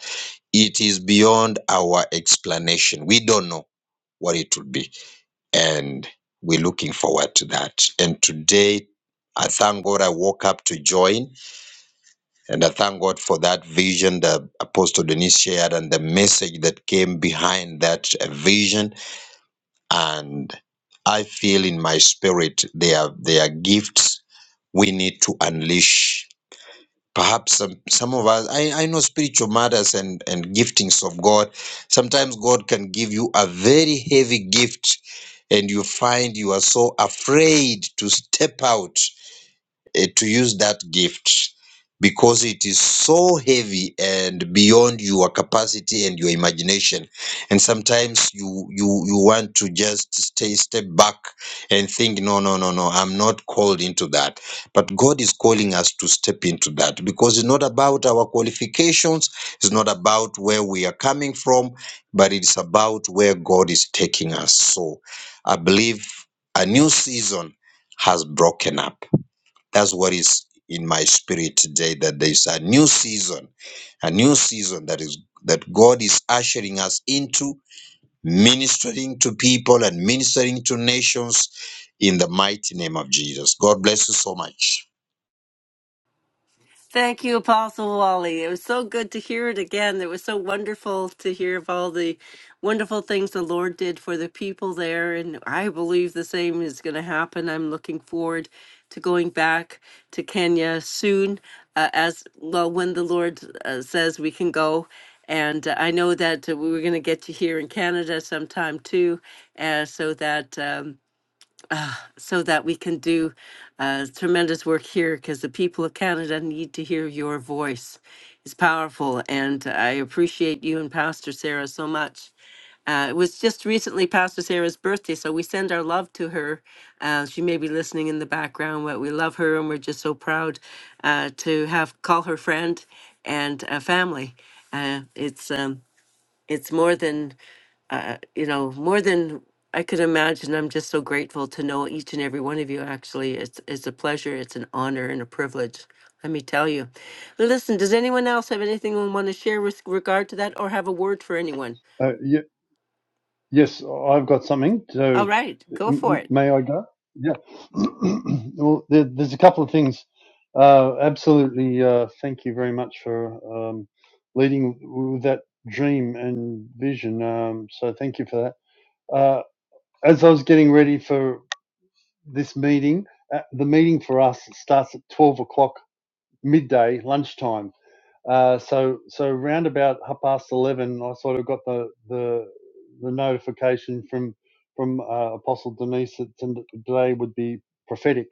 it is beyond our explanation we don't know what it will be and we're looking forward to that and today I thank God I woke up to join, and I thank God for that vision that Apostle Denise shared and the message that came behind that uh, vision and I feel in my spirit they are they are gifts we need to unleash. Perhaps some, some of us I, I know spiritual matters and, and giftings of God. Sometimes God can give you a very heavy gift and you find you are so afraid to step out eh, to use that gift because it is so heavy and beyond your capacity and your imagination and sometimes you you you want to just stay step back and think no no no no i'm not called into that but god is calling us to step into that because it's not about our qualifications it's not about where we are coming from but it's about where god is taking us so i believe a new season has broken up that's what is in my spirit today that there's a new season, a new season that is that God is ushering us into ministering to people and ministering to nations in the mighty name of Jesus. God bless you so much.
Thank you, Apostle Wally. It was so good to hear it again. It was so wonderful to hear of all the wonderful things the Lord did for the people there. And I believe the same is going to happen. I'm looking forward to going back to Kenya soon, uh, as well, when the Lord uh, says we can go. And uh, I know that uh, we were going to get you here in Canada sometime too, uh, so that. Um, so that we can do uh, tremendous work here because the people of Canada need to hear your voice. It's powerful, and I appreciate you and Pastor Sarah so much. Uh, it was just recently Pastor Sarah's birthday, so we send our love to her. Uh, she may be listening in the background, but we love her, and we're just so proud uh, to have call her friend and uh, family. Uh, it's um, it's more than uh, you know, more than I could imagine. I'm just so grateful to know each and every one of you. Actually, it's it's a pleasure, it's an honor, and a privilege. Let me tell you. But listen, does anyone else have anything they want to share with regard to that, or have a word for anyone?
Uh, y- yes, I've got something.
All
So,
right,
m-
go for it.
may I go? Yeah. <clears throat> well, there, there's a couple of things. Uh, absolutely. Uh, thank you very much for um, leading with that dream and vision. Um, so, thank you for that. Uh, as I was getting ready for this meeting, uh, the meeting for us starts at twelve o'clock midday lunchtime. Uh, so so round about half past eleven, I sort of got the the, the notification from from uh, Apostle Denise that today would be prophetic.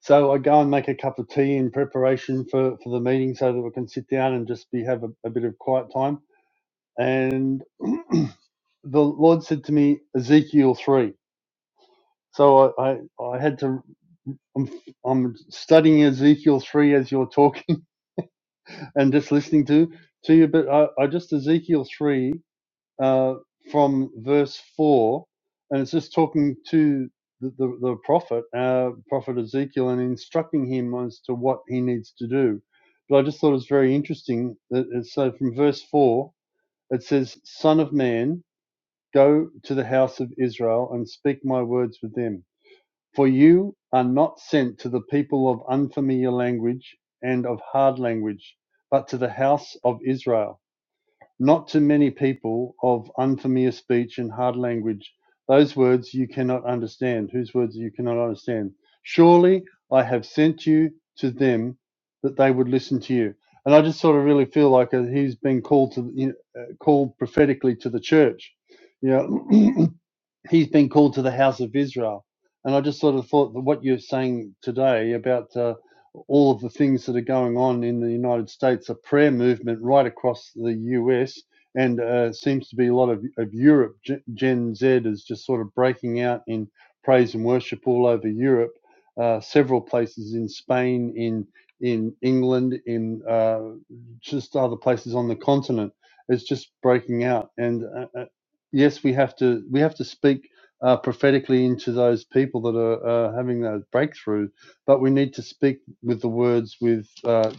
So I go and make a cup of tea in preparation for, for the meeting, so that we can sit down and just be have a, a bit of quiet time. And <clears throat> the Lord said to me, Ezekiel three. So I, I, I had to. I'm, I'm studying Ezekiel three as you're talking and just listening to to you. But I, I just Ezekiel three uh, from verse four, and it's just talking to the the, the prophet, uh, prophet Ezekiel, and instructing him as to what he needs to do. But I just thought it was very interesting that it's, so from verse four it says, "Son of man, go to the house of Israel and speak my words with them." For you are not sent to the people of unfamiliar language and of hard language, but to the house of Israel. Not to many people of unfamiliar speech and hard language, those words you cannot understand, whose words you cannot understand. Surely I have sent you to them that they would listen to you. And I just sort of really feel like uh, he's been called to you know, uh, called prophetically to the church. Yeah, <clears throat> he's been called to the house of Israel. And I just sort of thought that what you're saying today about uh, all of the things that are going on in the United States, a prayer movement right across the US, and uh, seems to be a lot of, of Europe. Gen Gen Z is just sort of breaking out in praise and worship all over Europe, uh, several places in Spain, in in England, in uh, just other places on the continent. It's just breaking out, and uh, uh, yes, we have to we have to speak uh, prophetically into those people that are uh, having those breakthrough, but we need to speak with the words with uh,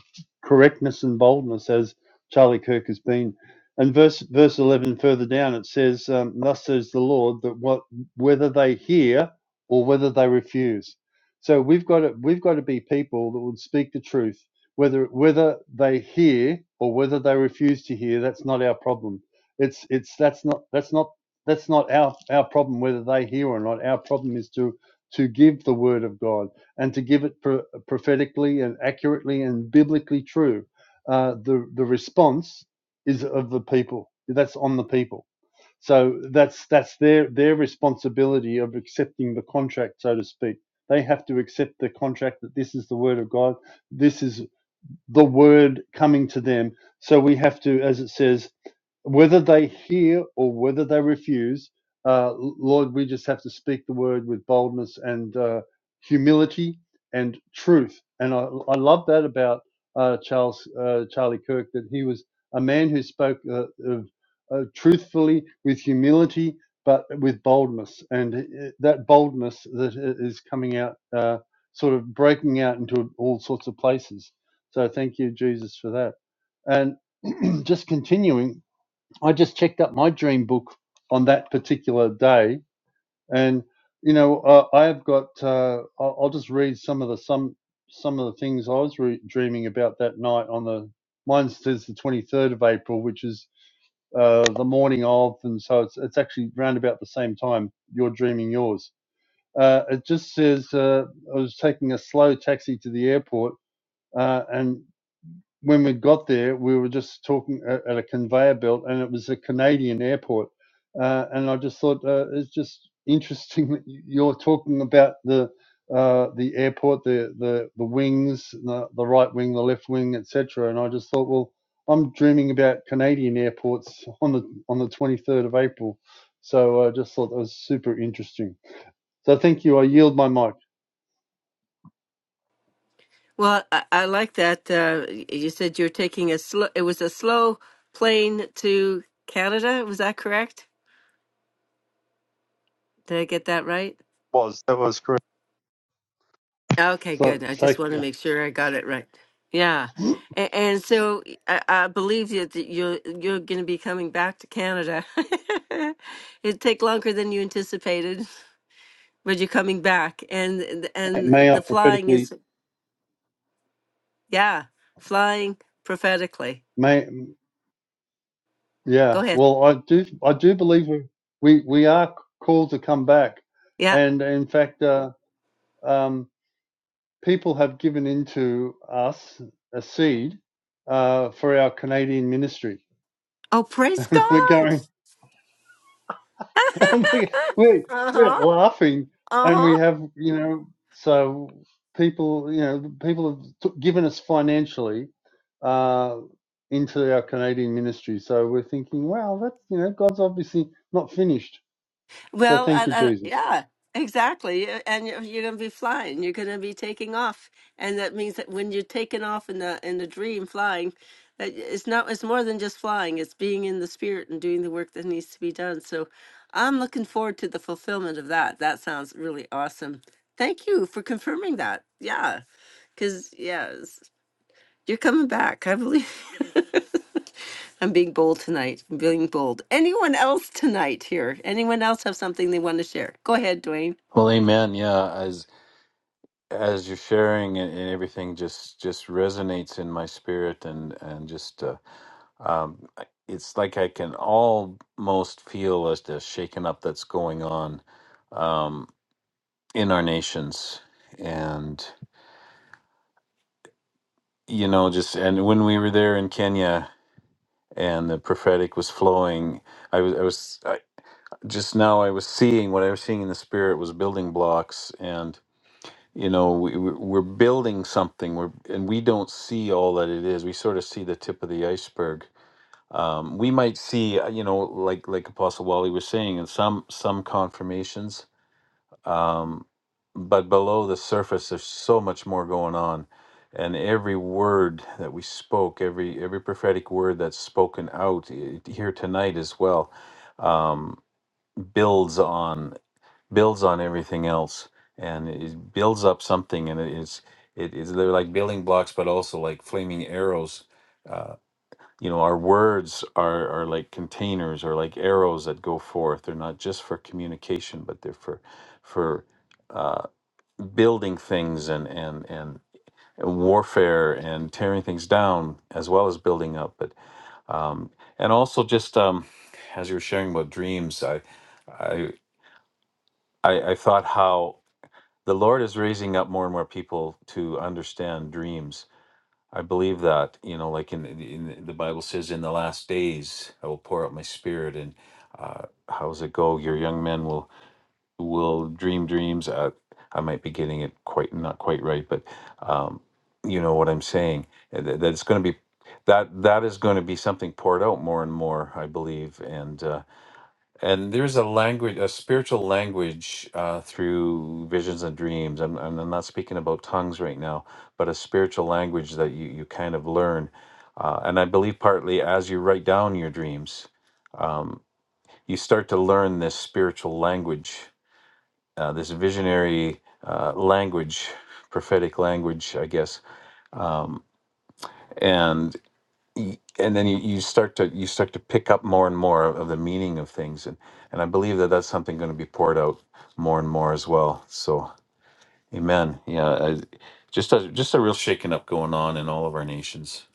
correctness and boldness, as Charlie Kirk has been. And verse verse eleven further down it says, um, "Thus says the Lord that what whether they hear or whether they refuse." So we've got to we've got to be people that would speak the truth, whether whether they hear or whether they refuse to hear. That's not our problem it's it's that's not that's not that's not our our problem whether they hear or not our problem is to to give the word of god and to give it pro- prophetically and accurately and biblically true uh, the the response is of the people that's on the people so that's that's their their responsibility of accepting the contract so to speak they have to accept the contract that this is the word of god this is the word coming to them so we have to as it says whether they hear or whether they refuse, uh, Lord, we just have to speak the word with boldness and uh, humility and truth. And I, I love that about uh, Charles uh, Charlie Kirk that he was a man who spoke uh, of, uh, truthfully with humility, but with boldness. And uh, that boldness that i- is coming out, uh, sort of breaking out into all sorts of places. So thank you, Jesus, for that. And <clears throat> just continuing I just checked up my dream book on that particular day, and you know, uh, I have got. Uh, I'll, I'll just read some of the some some of the things I was re- dreaming about that night. On the mine says the twenty third of April, which is uh, the morning of, and so it's it's actually round about the same time you're dreaming yours. Uh, it just says uh, I was taking a slow taxi to the airport, uh, and when we got there, we were just talking at, a conveyor belt, and it was a Canadian airport. Uh, and I just thought uh, it's just interesting that you- are talking about the uh, the airport, the the the wings, the, the right wing, the left wing, etc. And I just thought, well, I'm dreaming about Canadian airports on the on the 23rd of April. So I just thought that was super interesting. So thank you. I yield my mic.
Well, I, I like that. Uh, y- you said you're taking a slow. It was a slow plane to Canada. Was that correct? Did I get that right? Okay,
So
good. I just want to
taking
make sure I got it right. Yeah. And, and so I, I believe you that you're you're going to be coming back to Canada. <laughs> It'd take longer than you anticipated, but you're coming back. And th-
a, may
and
I
the flying
prophetically
is yeah, flying prophetically.
may Yeah,
Go ahead.
well, I do. I do believe we we we are called to come back,
Yeah.
and in fact, uh, um, people have given into us a seed uh, for our Canadian ministry.
Oh, praise
<laughs> we're
God.
going.
<laughs>
<laughs> we we we're
uh-huh.
laughing, and
Uh-huh.
we have you know. So people, you know, people have t- given us financially uh, into our Canadian ministry. So we're thinking, wow, that's you know, God's obviously not finished. So
Well,
thank you,
and, and,
Jesus.
yeah, exactly. You- And you're, you're going to be flying. You're going to be taking off, and that means that when you're taking off in the in the dream flying, that it's not. It's more than just flying. It's being in the spirit and doing the work that needs to be done. So, I'm looking forward to the fulfillment of that. That sounds really awesome. Thank you for confirming that. Yeah, because yeah. You're coming back, I believe. <laughs> I'm being bold tonight. I'm being bold. Anyone else tonight here? Anyone else have something they want to share? Go ahead, Dwayne.
Well, amen. Yeah, as as you're sharing and, and everything, just just resonates in my spirit, and and just uh, um, I- it's like I can almost feel as the shaking up that's going on um, in our nations, and you know, just and when we were there in Kenya and the prophetic was flowing, I was I was I, just now I was seeing what I was seeing in the spirit was building blocks, you know we, we- we're building something we're, and we don't see all that it is we sort of see the tip of the iceberg um, we might see uh, you know like like apostle wally was saying in some some confirmations um, but below the surface there's so much more going on and every word that we spoke every every prophetic word that's spoken out eh, here tonight as well um, builds on builds on everything else and it builds up something and it is it is they're like building blocks but also like flaming arrows uh, you know our words are are like containers or like arrows that go forth they're not just for communication but they're for for uh, building things and and and warfare and tearing things down as well as building up but um and also just um as you were sharing about dreams i i i, I thought how the Lord is raising up more and more people to understand dreams. I believe that, you know, like in, in the Bible says, in the last days, I will pour out my spirit. And uh, how's it go? Your young men will will dream dreams. Uh, I might be getting it quite not quite right, but um, you know what I'm saying. uh, That, that it's going to be that that is going to be something poured out more and more, I believe. And uh, and there's a language, a spiritual language uh, through visions and dreams. I'm, I'm I'm not speaking about tongues right now, but a spiritual language that you, you kind of learn. Uh, and I believe partly as you write down your dreams, um, you start to learn this spiritual language, uh, this visionary uh, language, prophetic language, I guess. Um, and y- and then you, you start to you start to pick up more and more of the meaning of things and and i believe that that's something going to be poured out more and more as well so amen yeah I, just a just a real shaking up going on in all of our nations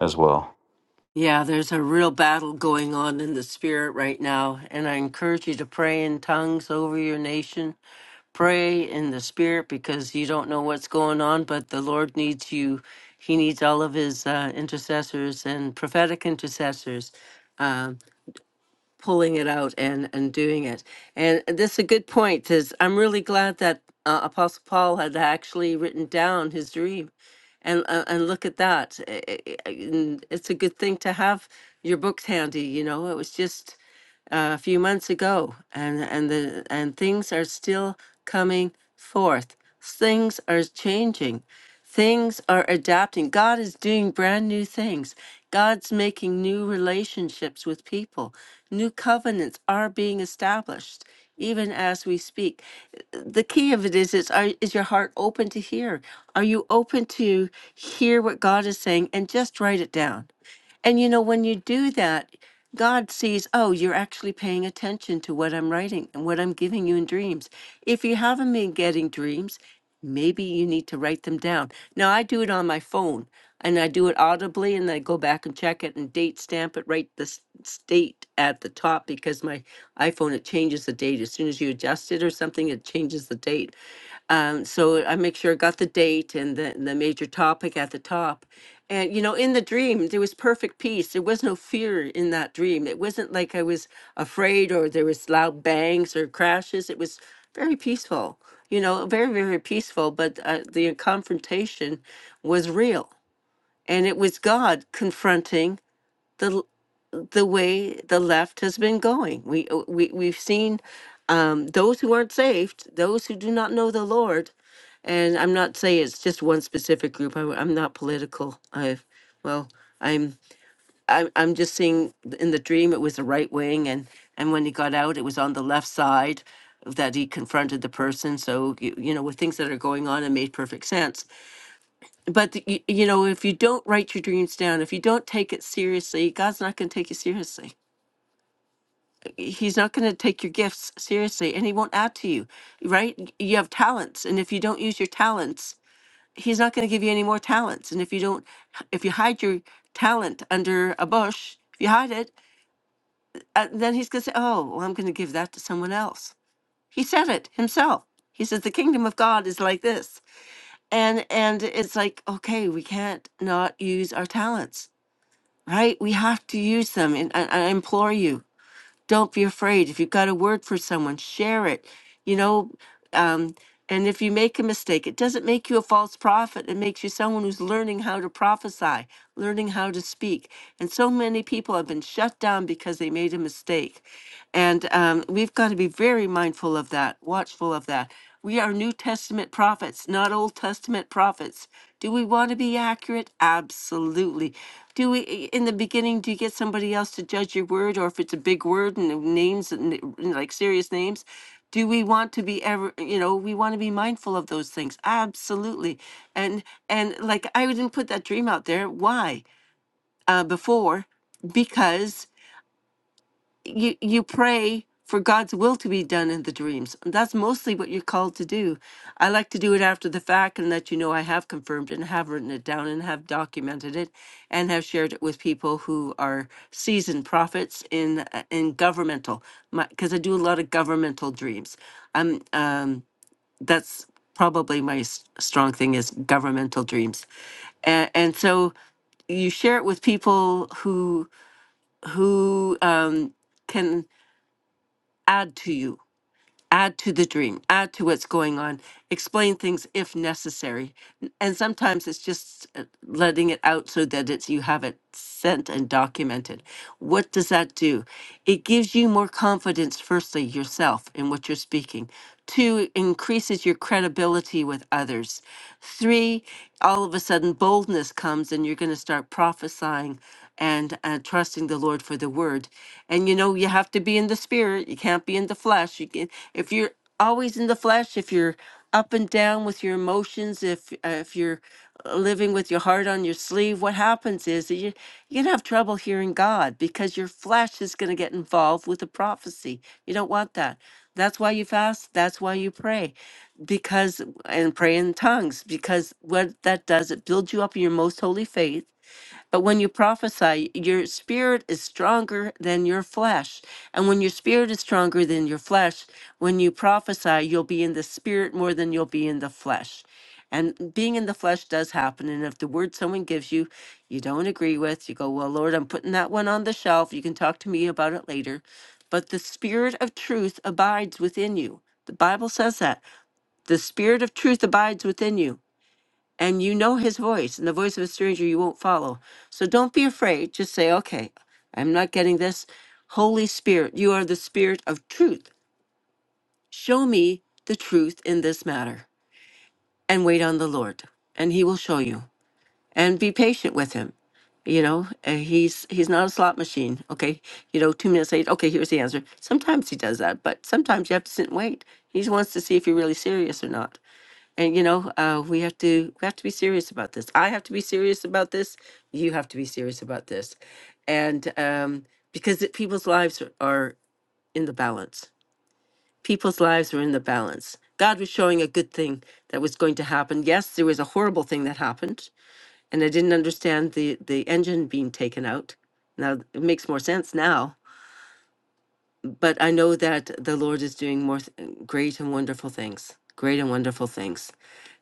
as well
Yeah, there's a real battle going on in the spirit right now, and I encourage you to pray in tongues over your nation. Pray in the spirit because you don't know what's going on, but the Lord needs you. He needs all of his uh, intercessors and prophetic intercessors Um, pulling it out and and doing it. And that's a good point. Is I'm really glad that uh, Apostle Paul had actually written down his dream, and uh, and look at that. I- I- I- and It's a good thing to have your books handy. You know, it was just uh, a few months ago, and and the and things are still coming forth. Things are changing. Things are adapting. God is doing brand new things. God's making new relationships with people. New covenants are being established even as we speak. The key of it is is are, is your heart open to hear? Are you open to hear what God is saying and just write it down? And you know, when you do that, God sees, oh, you're actually paying attention to what I'm writing and what I'm giving you in dreams. If you haven't been getting dreams, maybe you need to write them down. Now, I do it on my phone and I do it audibly and I go back and check it and date stamp it, write the s- state at the top because my iPhone, it changes the date. As soon as you adjust it or something, it changes the date. Um, so I make sure I got the date and the, the major topic at the top. And, you know, in the dream, there was perfect peace. There was no fear in that dream. It wasn't like I was afraid or there was loud bangs or crashes. It was very peaceful, you know, very, very peaceful. But uh, the confrontation was real. And it was God confronting the l- the way the left has been going. We, uh, we, we've seen um, those who aren't saved, those who do not know the Lord, and I'm not saying it's just one specific group. I, am not political. I, well, I'm, I'm, I'm just seeing th- in the dream it was the right wing, and and when he got out, it was on the left side that he confronted the person. So you, you know, with things that are going on, it made perfect sense. But the, you, you know, if you don't write your dreams down, if you don't take it seriously, God's not going to take you seriously. He's not going to take your gifts seriously, and He won't add to you, right? You have talents, and if you don't use your talents he's not going to give you any more talents. And if you don't, if you hide your talent under a bush, if you hide it, uh, then he's going to say, oh, well, I'm going to give that to someone else. He said it himself. He says the kingdom of God is like this. And, and it's like, okay, we can't not use our talents, right? We have to use them. And, and I implore you, don't be afraid. If you've got a word for someone, share it. You know, um, and if you make a mistake, it doesn't make you a false prophet. It makes you someone who's learning how to prophesy, learning how to speak. And so many people have been shut down because they made a mistake. And um, we've got to be very mindful of that, watchful of that. We are New Testament prophets, not Old Testament prophets. Do we want to be accurate? Absolutely. Do we, i- in the beginning, do you get somebody else to judge your word, or if it's a big word and names, and n- like serious names? do we want to be ever you know we want to be mindful of those things absolutely and and like i didn't put that dream out there why uh before because you you pray for god's will to be done in the dreams that's mostly what you're called to do i like to do it after the fact and let you know i have confirmed and have written it down and have documented it and have shared it with people who are seasoned prophets in uh, in governmental because i do a lot of governmental dreams i'm um that's probably my s- strong thing is governmental dreams and, and so you share it with people who who um, can add to you add to the dream, add to what's going on, explain things if necessary. N- And sometimes it's just uh, letting it out so that it's you have it sent and documented. What does that do? It gives you more confidence, firstly, yourself in what you're speaking. Two, it increases your credibility with others. Three, all of a sudden boldness comes and you're going to start prophesying and uh, trusting the Lord for the word. And you know, you have to be in the spirit. You can't be in the flesh. You can, if you're always in the flesh, if you're up and down with your emotions, if uh, if you're uh, living with your heart on your sleeve, what happens is that you you're gonna have trouble hearing God because your flesh is gonna get involved with the prophecy. You don't want that. That's why you fast. That's why you pray, because and pray in tongues because what that does it builds you up in your most holy faith but when you prophesy, your spirit is stronger than your flesh. And when your spirit is stronger than your flesh, when you prophesy, you'll be in the spirit more than you'll be in the flesh. And being in the flesh does happen. And if the word someone gives you, you don't agree with, you go, Well, Lord, I'm putting that one on the shelf. You can talk to me about it later. But the spirit of truth abides within you. The Bible says that. The spirit of truth abides within you and you know his voice and the voice of a stranger you won't follow so don't be afraid just say okay i'm not getting this holy spirit you are the spirit of truth show me the truth in this matter and wait on the lord and he will show you and be patient with him you know uh, he's he's not a slot machine okay you know two minutes late okay here's the answer sometimes he does that but sometimes you have to sit and wait he wants to see if you're really serious or not and you know uh, we have to we have to be serious about this i have to be serious about this you have to be serious about this and um, because it, people's lives are, are in the balance people's lives are in the balance god was showing a good thing that was going to happen yes there was a horrible thing that happened and i didn't understand the the engine being taken out now it makes more sense now but I know that the Lord is doing more th- great and wonderful things, great and wonderful things,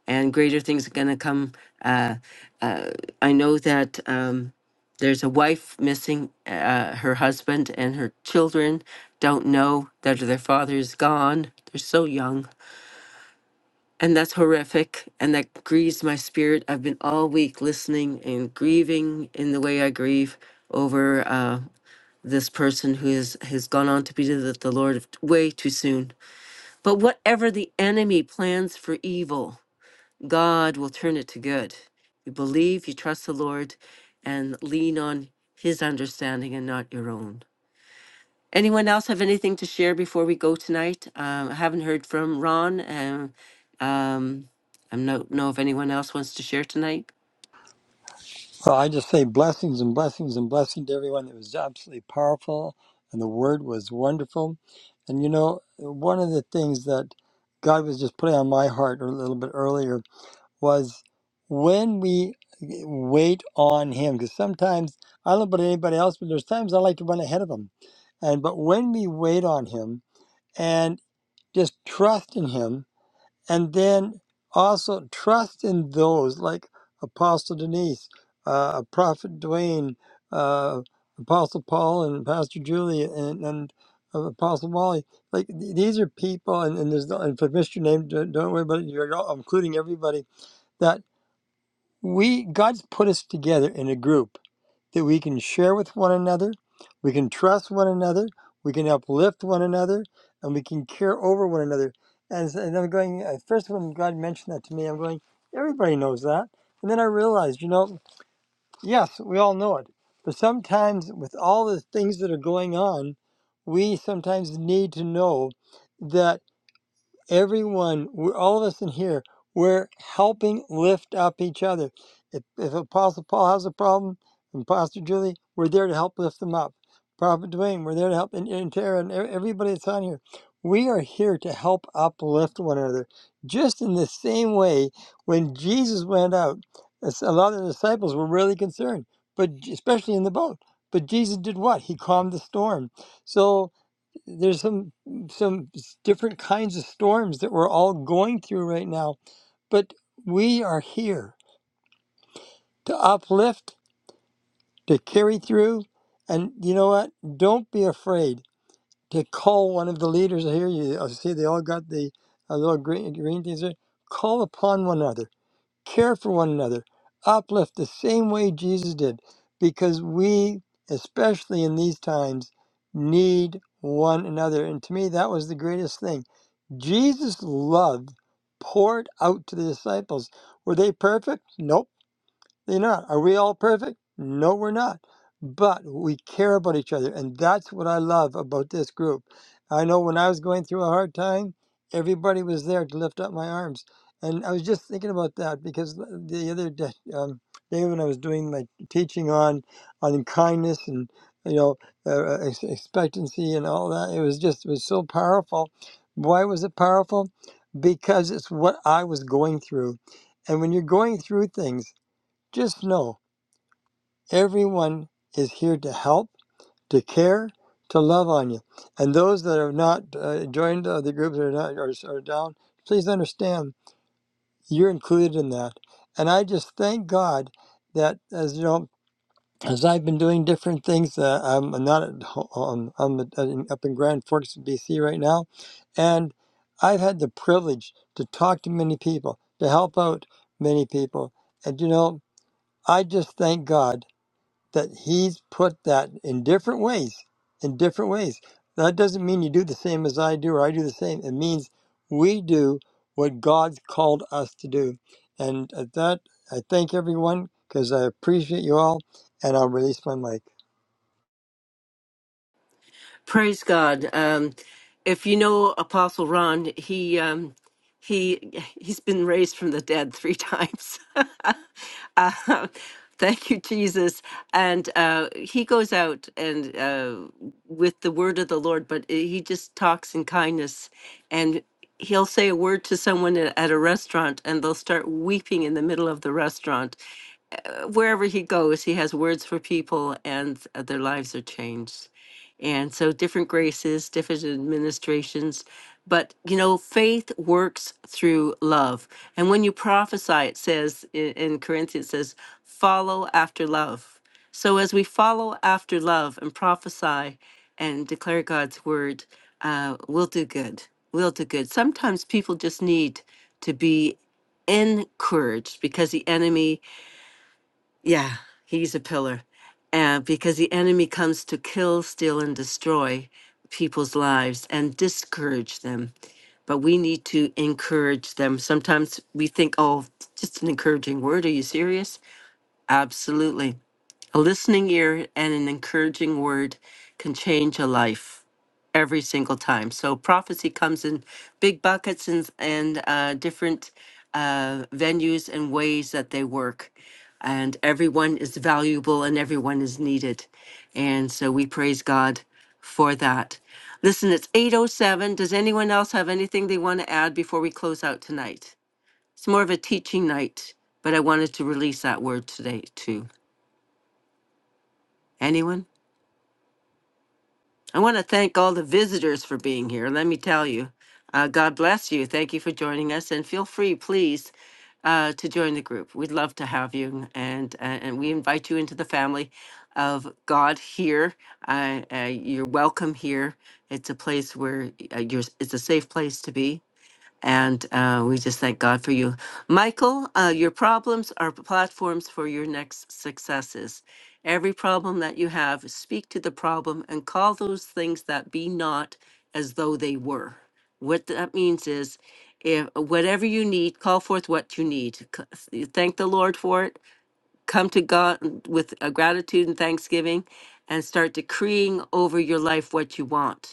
and greater things are going to come. Uh, uh, I know that um, there's a wife missing uh, her husband, and her children don't know that their father is gone. They're so young. And that's horrific, and that grieves my spirit. I've been all week listening and grieving in the way I grieve over. Uh, this person who is, has gone on to be with the Lord way too soon. But whatever the enemy plans for evil, God will turn it to good. You believe, you trust the Lord, and lean on his understanding and not your own. Anyone else have anything to share before we go tonight? Um, I haven't heard from Ron. And, um, I don't know if anyone else wants to share tonight.
Well, I just say blessings and blessings and blessing to everyone. It was absolutely powerful, and the word was wonderful. And you know, one of the things that God was just putting on my heart a little bit earlier was when we wait on Him, because sometimes I don't know about anybody else, but there's times I like to run ahead of Him. And but when we wait on Him and just trust in Him, and then also trust in those like Apostle Denise, uh, Prophet Dwayne, uh, Apostle Paul, and Pastor Julie, and, and uh, Apostle Wally. Like th- these are people, and, and there's no, and for Mr. name, don't, don't worry about it. You're all, including everybody that we God's put us together in a group that we can share with one another, we can trust one another, we can uplift one another, and we can care over one another. And, so- and I'm going, at first, when God mentioned that to me, I'm going, everybody knows that. And then I realized, you know, yes, we all know it. But sometimes, with all the things that are going on, we sometimes need to know that everyone, we're, all of us in here, we're helping lift up each other. If, if Apostle Paul has a problem, and Pastor Julie, we're there to help lift them up. Prophet Dwayne, we're there to help, and, and Tara, and e- everybody that's on here. We are here to help uplift one another. Just in the same way, when Jesus went out, as a lot of the disciples were really concerned, but j- especially in the boat. But Jesus did what? He calmed the storm. So there's some some s- different kinds of storms that we're all going through right now but we are here to uplift to carry through and you know what don't be afraid to call one of the leaders I hear you I see they all got the uh, little green, green things there call upon one another care for one another uplift the same way jesus did because we especially in these times need one another and to me that was the greatest thing Jesus' love poured out to the disciples. Were they perfect? Nope. They're not. Are we all perfect? No, we're not. But we care about each other. And that's what I love about this group. I know when I was going through a hard time, everybody was there to lift up my arms. And I was just thinking about that because the other day, um, day when I was doing my teaching on on kindness and you know uh, uh, ex- expectancy and all that, it was just it was so powerful. Why was it powerful? Because it's what I was going through. And when you're going through things, just know everyone is here to help, to care, to love on you. And those that have not uh, joined uh, the groups or not are, are down, please understand you're included in that. And I just thank God that as you know, as I've been doing different things, uh, I'm, not at home, um, I'm at- in- up in Grand Forks, BC right now, and I've had the privilege to talk to many people, to help out many people. And you know, I just thank God that he's put that in different ways, in different ways. That doesn't mean you do the same as I do or I do the same. It means we do what God's called us to do. And at that, I thank everyone because I appreciate you all, and I'll release my mic.
Praise God. Um, if you know Apostle Ron, he um, he he's been raised from the dead three times. <laughs> uh, thank you, Jesus. And uh, he goes out and uh, with the word of the Lord, but he just talks in kindness, and he'll say a word to someone at at a restaurant, and they'll start weeping in the middle of the restaurant uh, wherever he goes, he has words for people and uh, their lives are changed. And so different graces, different administrations. But, you know, faith works through love. And when you prophesy, it says i- in Corinthians, it says, follow after love. So as we follow after love and prophesy and declare God's word, uh, we'll do good. We'll do good. Sometimes people just need to be encouraged because the enemy yeah, he's a pillar. And because the enemy comes to kill, steal, and destroy people's lives and discourage them. But we need to encourage them. Sometimes we think, oh, just an encouraging word. Are you serious? Absolutely. A listening ear and an encouraging word can change a life every single time. So prophecy comes in big buckets and and uh, different uh, venues and ways that they work, and everyone is valuable and everyone is needed, and so we praise God for that. Listen, it's eight oh seven. Does anyone else have anything they want to add before we close out tonight? It's more of a teaching night, but I wanted to release that word today too. Anyone? I want to thank all the visitors for being here. Let me tell you, uh, God bless you. Thank you for joining us, and feel free, please, uh, to join the group. We'd love to have you, and uh, and we invite you into the family of God here. Uh, uh, you're welcome here. It's a place where uh, you're. It's a safe place to be and uh, we just thank God for you. Michael, uh, your problems are platforms for your next successes. Every problem that you have, speak to the problem and call those things that be not as though they were. What that means is, if whatever you need, call forth what you need. C- Thank the Lord for it. Come to God with a gratitude and thanksgiving and start decreeing over your life what you want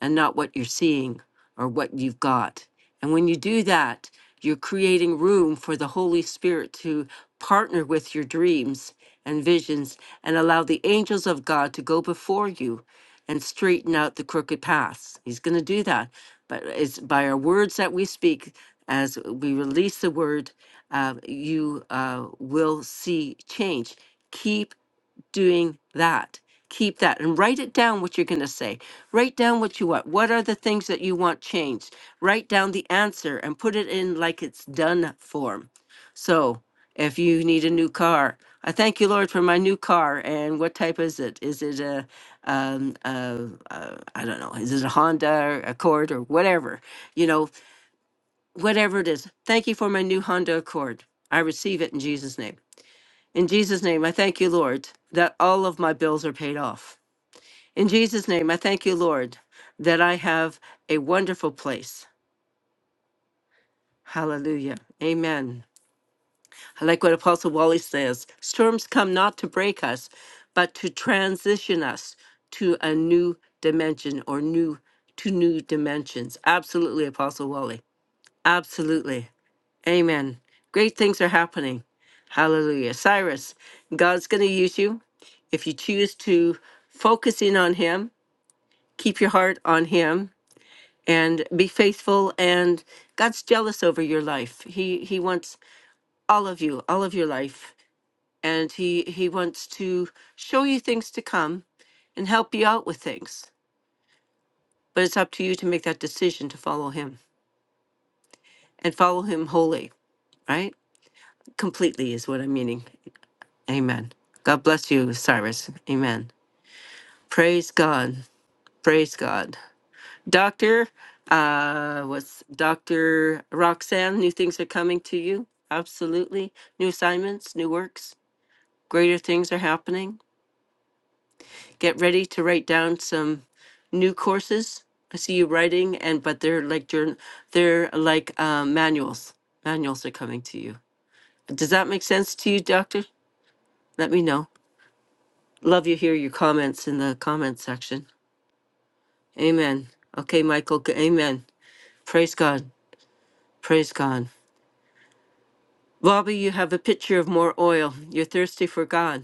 and not what you're seeing or what you've got. And when you do that, you're creating room for the Holy Spirit to partner with your dreams and visions and allow the angels of God to go before you and straighten out the crooked paths. He's going to do that. But it's by our words that we speak, as we release the word, uh, you uh, will see change. Keep doing that. Keep that and write it down what you're going to say. Write down what you want. What are the things that you want changed? Write down the answer and put it in like it's done form. So if you need a new car, I thank you, Lord, for my new car. And what type is it? Is it a, um, uh, I a I don't know, is it a Honda or Accord or whatever? You know, whatever it is. Thank you for my new Honda Accord. I receive it in Jesus' name. In Jesus' name, I thank you, Lord, that all of my bills are paid off. In Jesus' name, I thank you, Lord, that I have a wonderful place. Hallelujah. Amen. I like what Apostle Wally says storms come not to break us, but to transition us to a new dimension or new to new dimensions. Absolutely, Apostle Wally. Absolutely. Amen. Great things are happening. Hallelujah. Cyrus, God's going to use you. If you choose to focus in on Him, keep your heart on Him, and be faithful. And God's jealous over your life. He He wants all of you, all of your life, and He He wants to show you things to come, and help you out with things. But it's up to you to make that decision to follow Him and follow Him wholly. Right? Completely is what I'm meaning. Amen. God bless you, Cyrus. Amen. Praise God. Praise God. Doctor, uh, what's Dr. Roxanne? New things are coming to you. Absolutely. New assignments, new works, greater things are happening. Get ready to write down some new courses. I see you writing, and but they're like journ- they're like um, manuals. Manuals are coming to you. Does that make sense to you, Doctor? Let me know. Love you. Hear your comments in the comment section. Amen. Okay, Michael. g- Amen. Praise God. Praise God. Bobby, you have a picture of more oil. You're thirsty for God.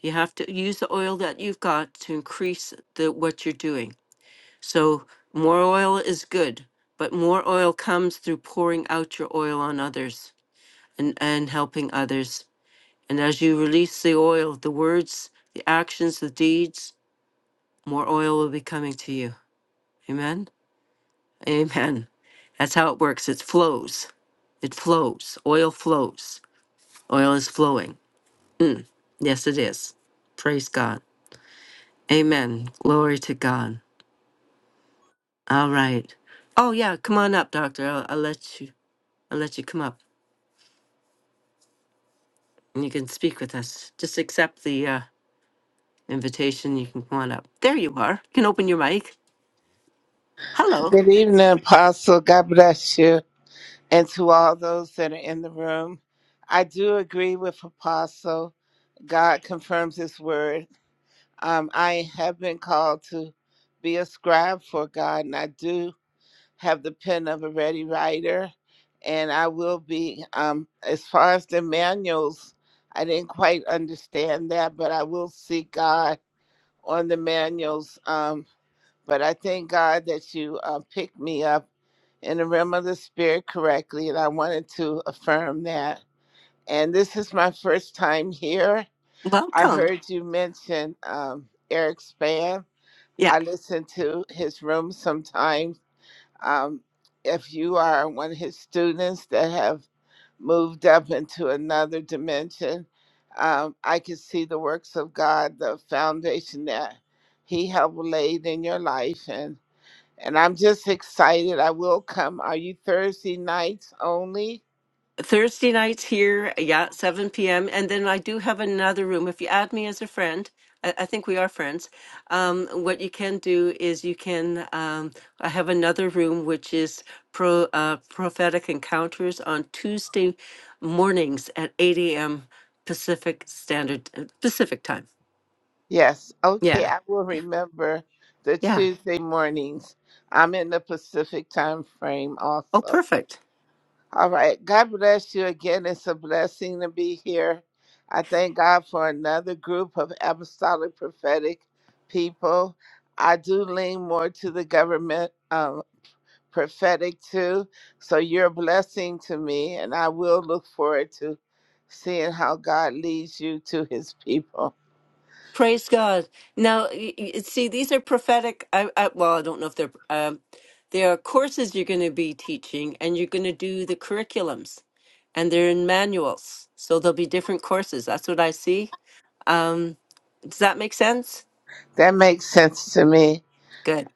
You have to use the oil that you've got to increase the what you're doing. So more oil is good, but more oil comes through pouring out your oil on others and, and helping others. And as you release the oil, the words, the actions, the deeds, more oil will be coming to you. Amen. Amen. That's how it works. It flows. It flows. Oil flows. Oil is flowing. Yes, it is. Praise God. Amen. Glory to God. All right. Oh yeah, come on up, Doctor. I'll, I'll let you. I'll let you come up, and you can speak with us. Just accept the uh, invitation. You can come on up. There you are. You can open your mic. Hello.
Good evening, Apostle. God bless you. And to all those that are in the room, I do agree with Apostle. God confirms his word. Um, I have been called to be a scribe for God, and I do have the pen of a ready writer. And I will be, um, as far as the manuals, I didn't quite understand that, but I will seek God on the manuals. Um, but I thank God that you uh, picked me up in the realm of the spirit correctly, and I wanted to affirm that. And this is my first time here. I
Welcome.
heard you mention um, Eric Span.
Yeah.
I listen to his room sometimes. Um, if you are one of his students that have moved up into another dimension, um, I can see the works of God, the foundation that he helped laid in your life. and. And I'm just excited. I will come. Are you Thursday nights only?
Thursday nights here, yeah, 7 p.m. And then I do have another room. If you add me as a friend, I, I think we are friends. Um, what you can do is you can, um, I have another room which is pro, uh, prophetic encounters on Tuesday mornings at 8 a.m. Pacific Standard, uh, Pacific time.
Yes. Okay.
Yeah,
I will remember the
yeah.
Tuesday mornings. I'm in the Pacific time frame
Oh,
also.
perfect.
All right. God bless you again. It's a blessing to be here. I thank God for another group of apostolic prophetic people. I do lean more to the government um, prophetic too. So you're a blessing to me, and I will look forward to seeing how God leads you to his people.
Praise God. Now, y- y- see, these are prophetic. I, I, well, I don't know if they're. Um, there are courses you're going to be teaching, and you're going to do the curriculums, and they're in manuals. So there'll be different courses. That's what I see. Um, does that make sense?
That makes sense to me.
Good.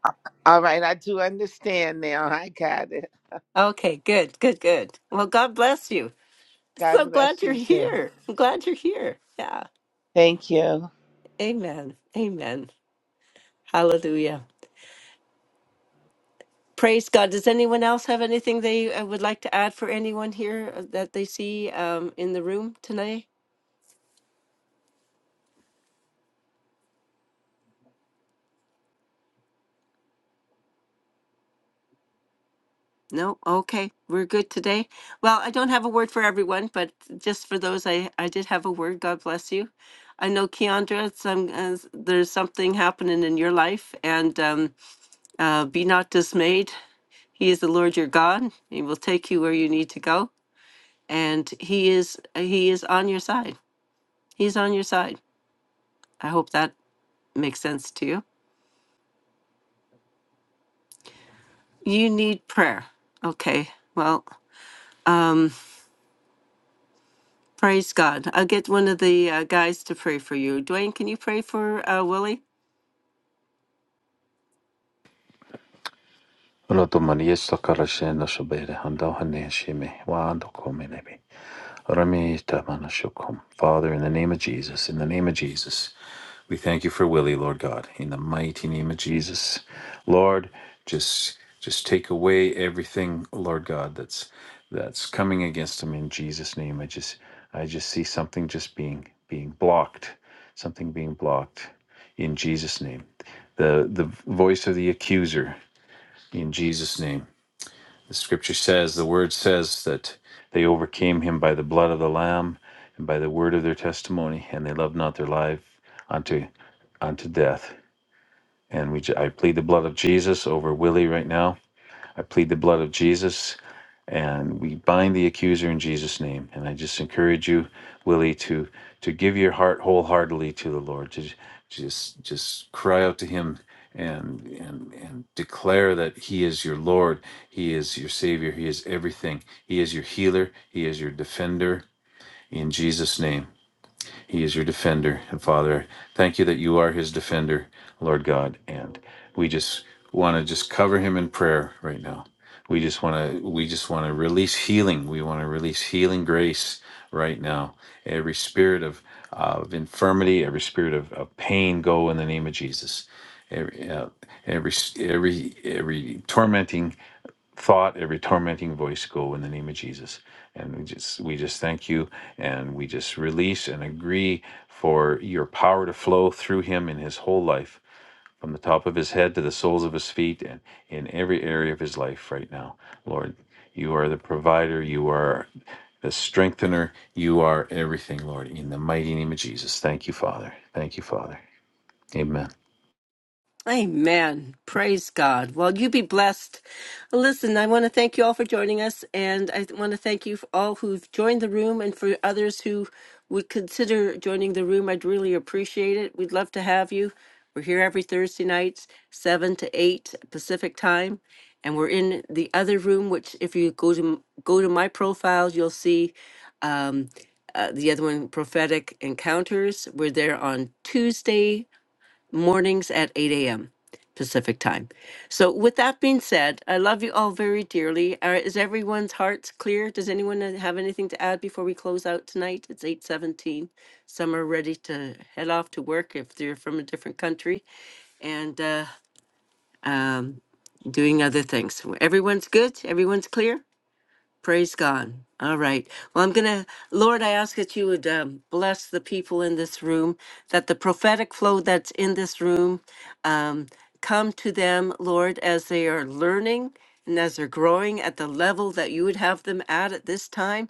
All right, I do understand now. I got it.
Okay. Good. Good. Good. Well, God bless you.
God
So glad
bless
you're
you too.
here. I'm glad you're here. Yeah.
Thank you.
Amen. Amen. Hallelujah. Praise God. Does anyone else have anything they uh, would like to add for anyone here uh, that they see um, in the room tonight? No? Okay. We're good today. Well, I don't have a word for everyone, but just for those I, I did have a word. God bless you. I know, Keandra, some, uh, there's something happening in your life, and um, uh, be not dismayed. He is the Lord your God. He will take you where you need to go, and He is He is on your side. He's on your side. I hope that makes sense to you. You need prayer. Okay. Well, praise God. I'll get one of the uh, guys to pray for you. Dwayne, can you pray for uh, Willie?
Ola tu Maria sakara shena shabere, handa hane shime, wa ando kome nebe. Rami ita mana shukum. Father, in the name of Jesus, in the name of Jesus, We thank you for Willie, Lord God, in the mighty name of Jesus. Lord, just just take away everything, Lord God, that's that's coming against him in Jesus' name. I just I just see something just being being blocked, something being blocked in Jesus' name. The the voice of the accuser in Jesus' name the scripture says, the word says that they overcame him by the blood of the Lamb and by the word of their testimony, and they loved not their life unto unto death. And we, j- I plead the blood of Jesus over Willie right now I plead the blood of Jesus and we bind the accuser in Jesus' name. And I just encourage you, Willie, to to give your heart wholeheartedly to the Lord, to just just cry out to him and and and declare that he is your Lord, he is your savior, he is everything. He is your healer, he is your defender in Jesus' name. He is your defender. And Father, thank you that you are his defender, Lord God. And we just want to just cover him in prayer right now. We just want to we just want to release healing. We want to release healing grace right now. Every spirit of of infirmity, every spirit of, of pain, go in the name of Jesus. Every uh, every every every tormenting thought, every tormenting voice go in the name of Jesus. And we just we just thank you and we just release and agree for your power to flow through him in his whole life, from the top of his head to the soles of his feet and in every area of his life right now. Lord, you are the provider, you are the strengthener, you are everything, Lord, in the mighty name of Jesus. Thank you, Father. Thank you, Father. Amen.
Amen. Praise God. Well, you be blessed. Listen, I want to thank you all for joining us, and I want to thank you for all who've joined the room and for others who would consider joining the room. I'd really appreciate it. We'd love to have you. We're here every Thursday nights, 7 to 8 Pacific time, and we're in the other room, which if you go to go to my profile, you'll see um, uh, the other one, Prophetic Encounters. We're there on Tuesday mornings at 8 a.m. Pacific time. So, with that being said, I love you all very dearly. Uh, is everyone's hearts clear? Does anyone uh, have anything to add before we close out tonight? It's 8:17. Some are ready to head off to work if they're from a different country and uh, um, doing other things. Everyone's good. Everyone's clear. Praise God. All right. Well, I'm going to, Lord, I ask that you would um, bless the people in this room, that the prophetic flow that's in this room um, come to them, Lord, as they are learning and as they're growing at the level that you would have them at at this time,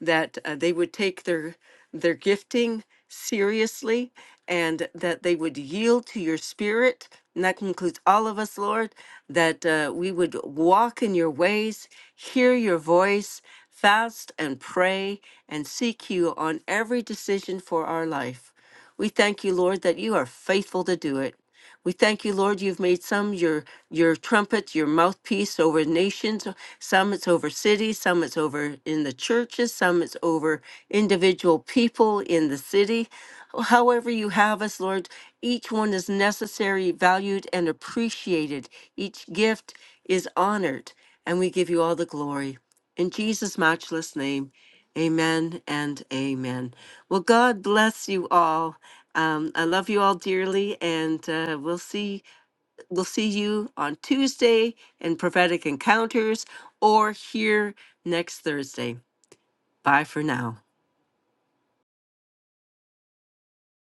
that uh, they would take their their gifting seriously and that they would yield to your spirit. And that concludes all of us, Lord, that uh, we would walk in your ways, hear your voice, fast and pray, and seek you on every decision for our life. We thank you, Lord, that you are faithful to do it. We thank you, Lord, you've made some your your trumpet, your mouthpiece over nations, some it's over cities, some it's over in the churches, some it's over individual people in the city. However you have us, Lord, each one is necessary, valued, and appreciated. Each gift is honored, and we give you all the glory. In Jesus' matchless name, amen and amen. Well, God bless you all. Um, I love you all dearly, and uh, we'll see we'll see you on Tuesday in prophetic encounters, or here next Thursday. Bye for now.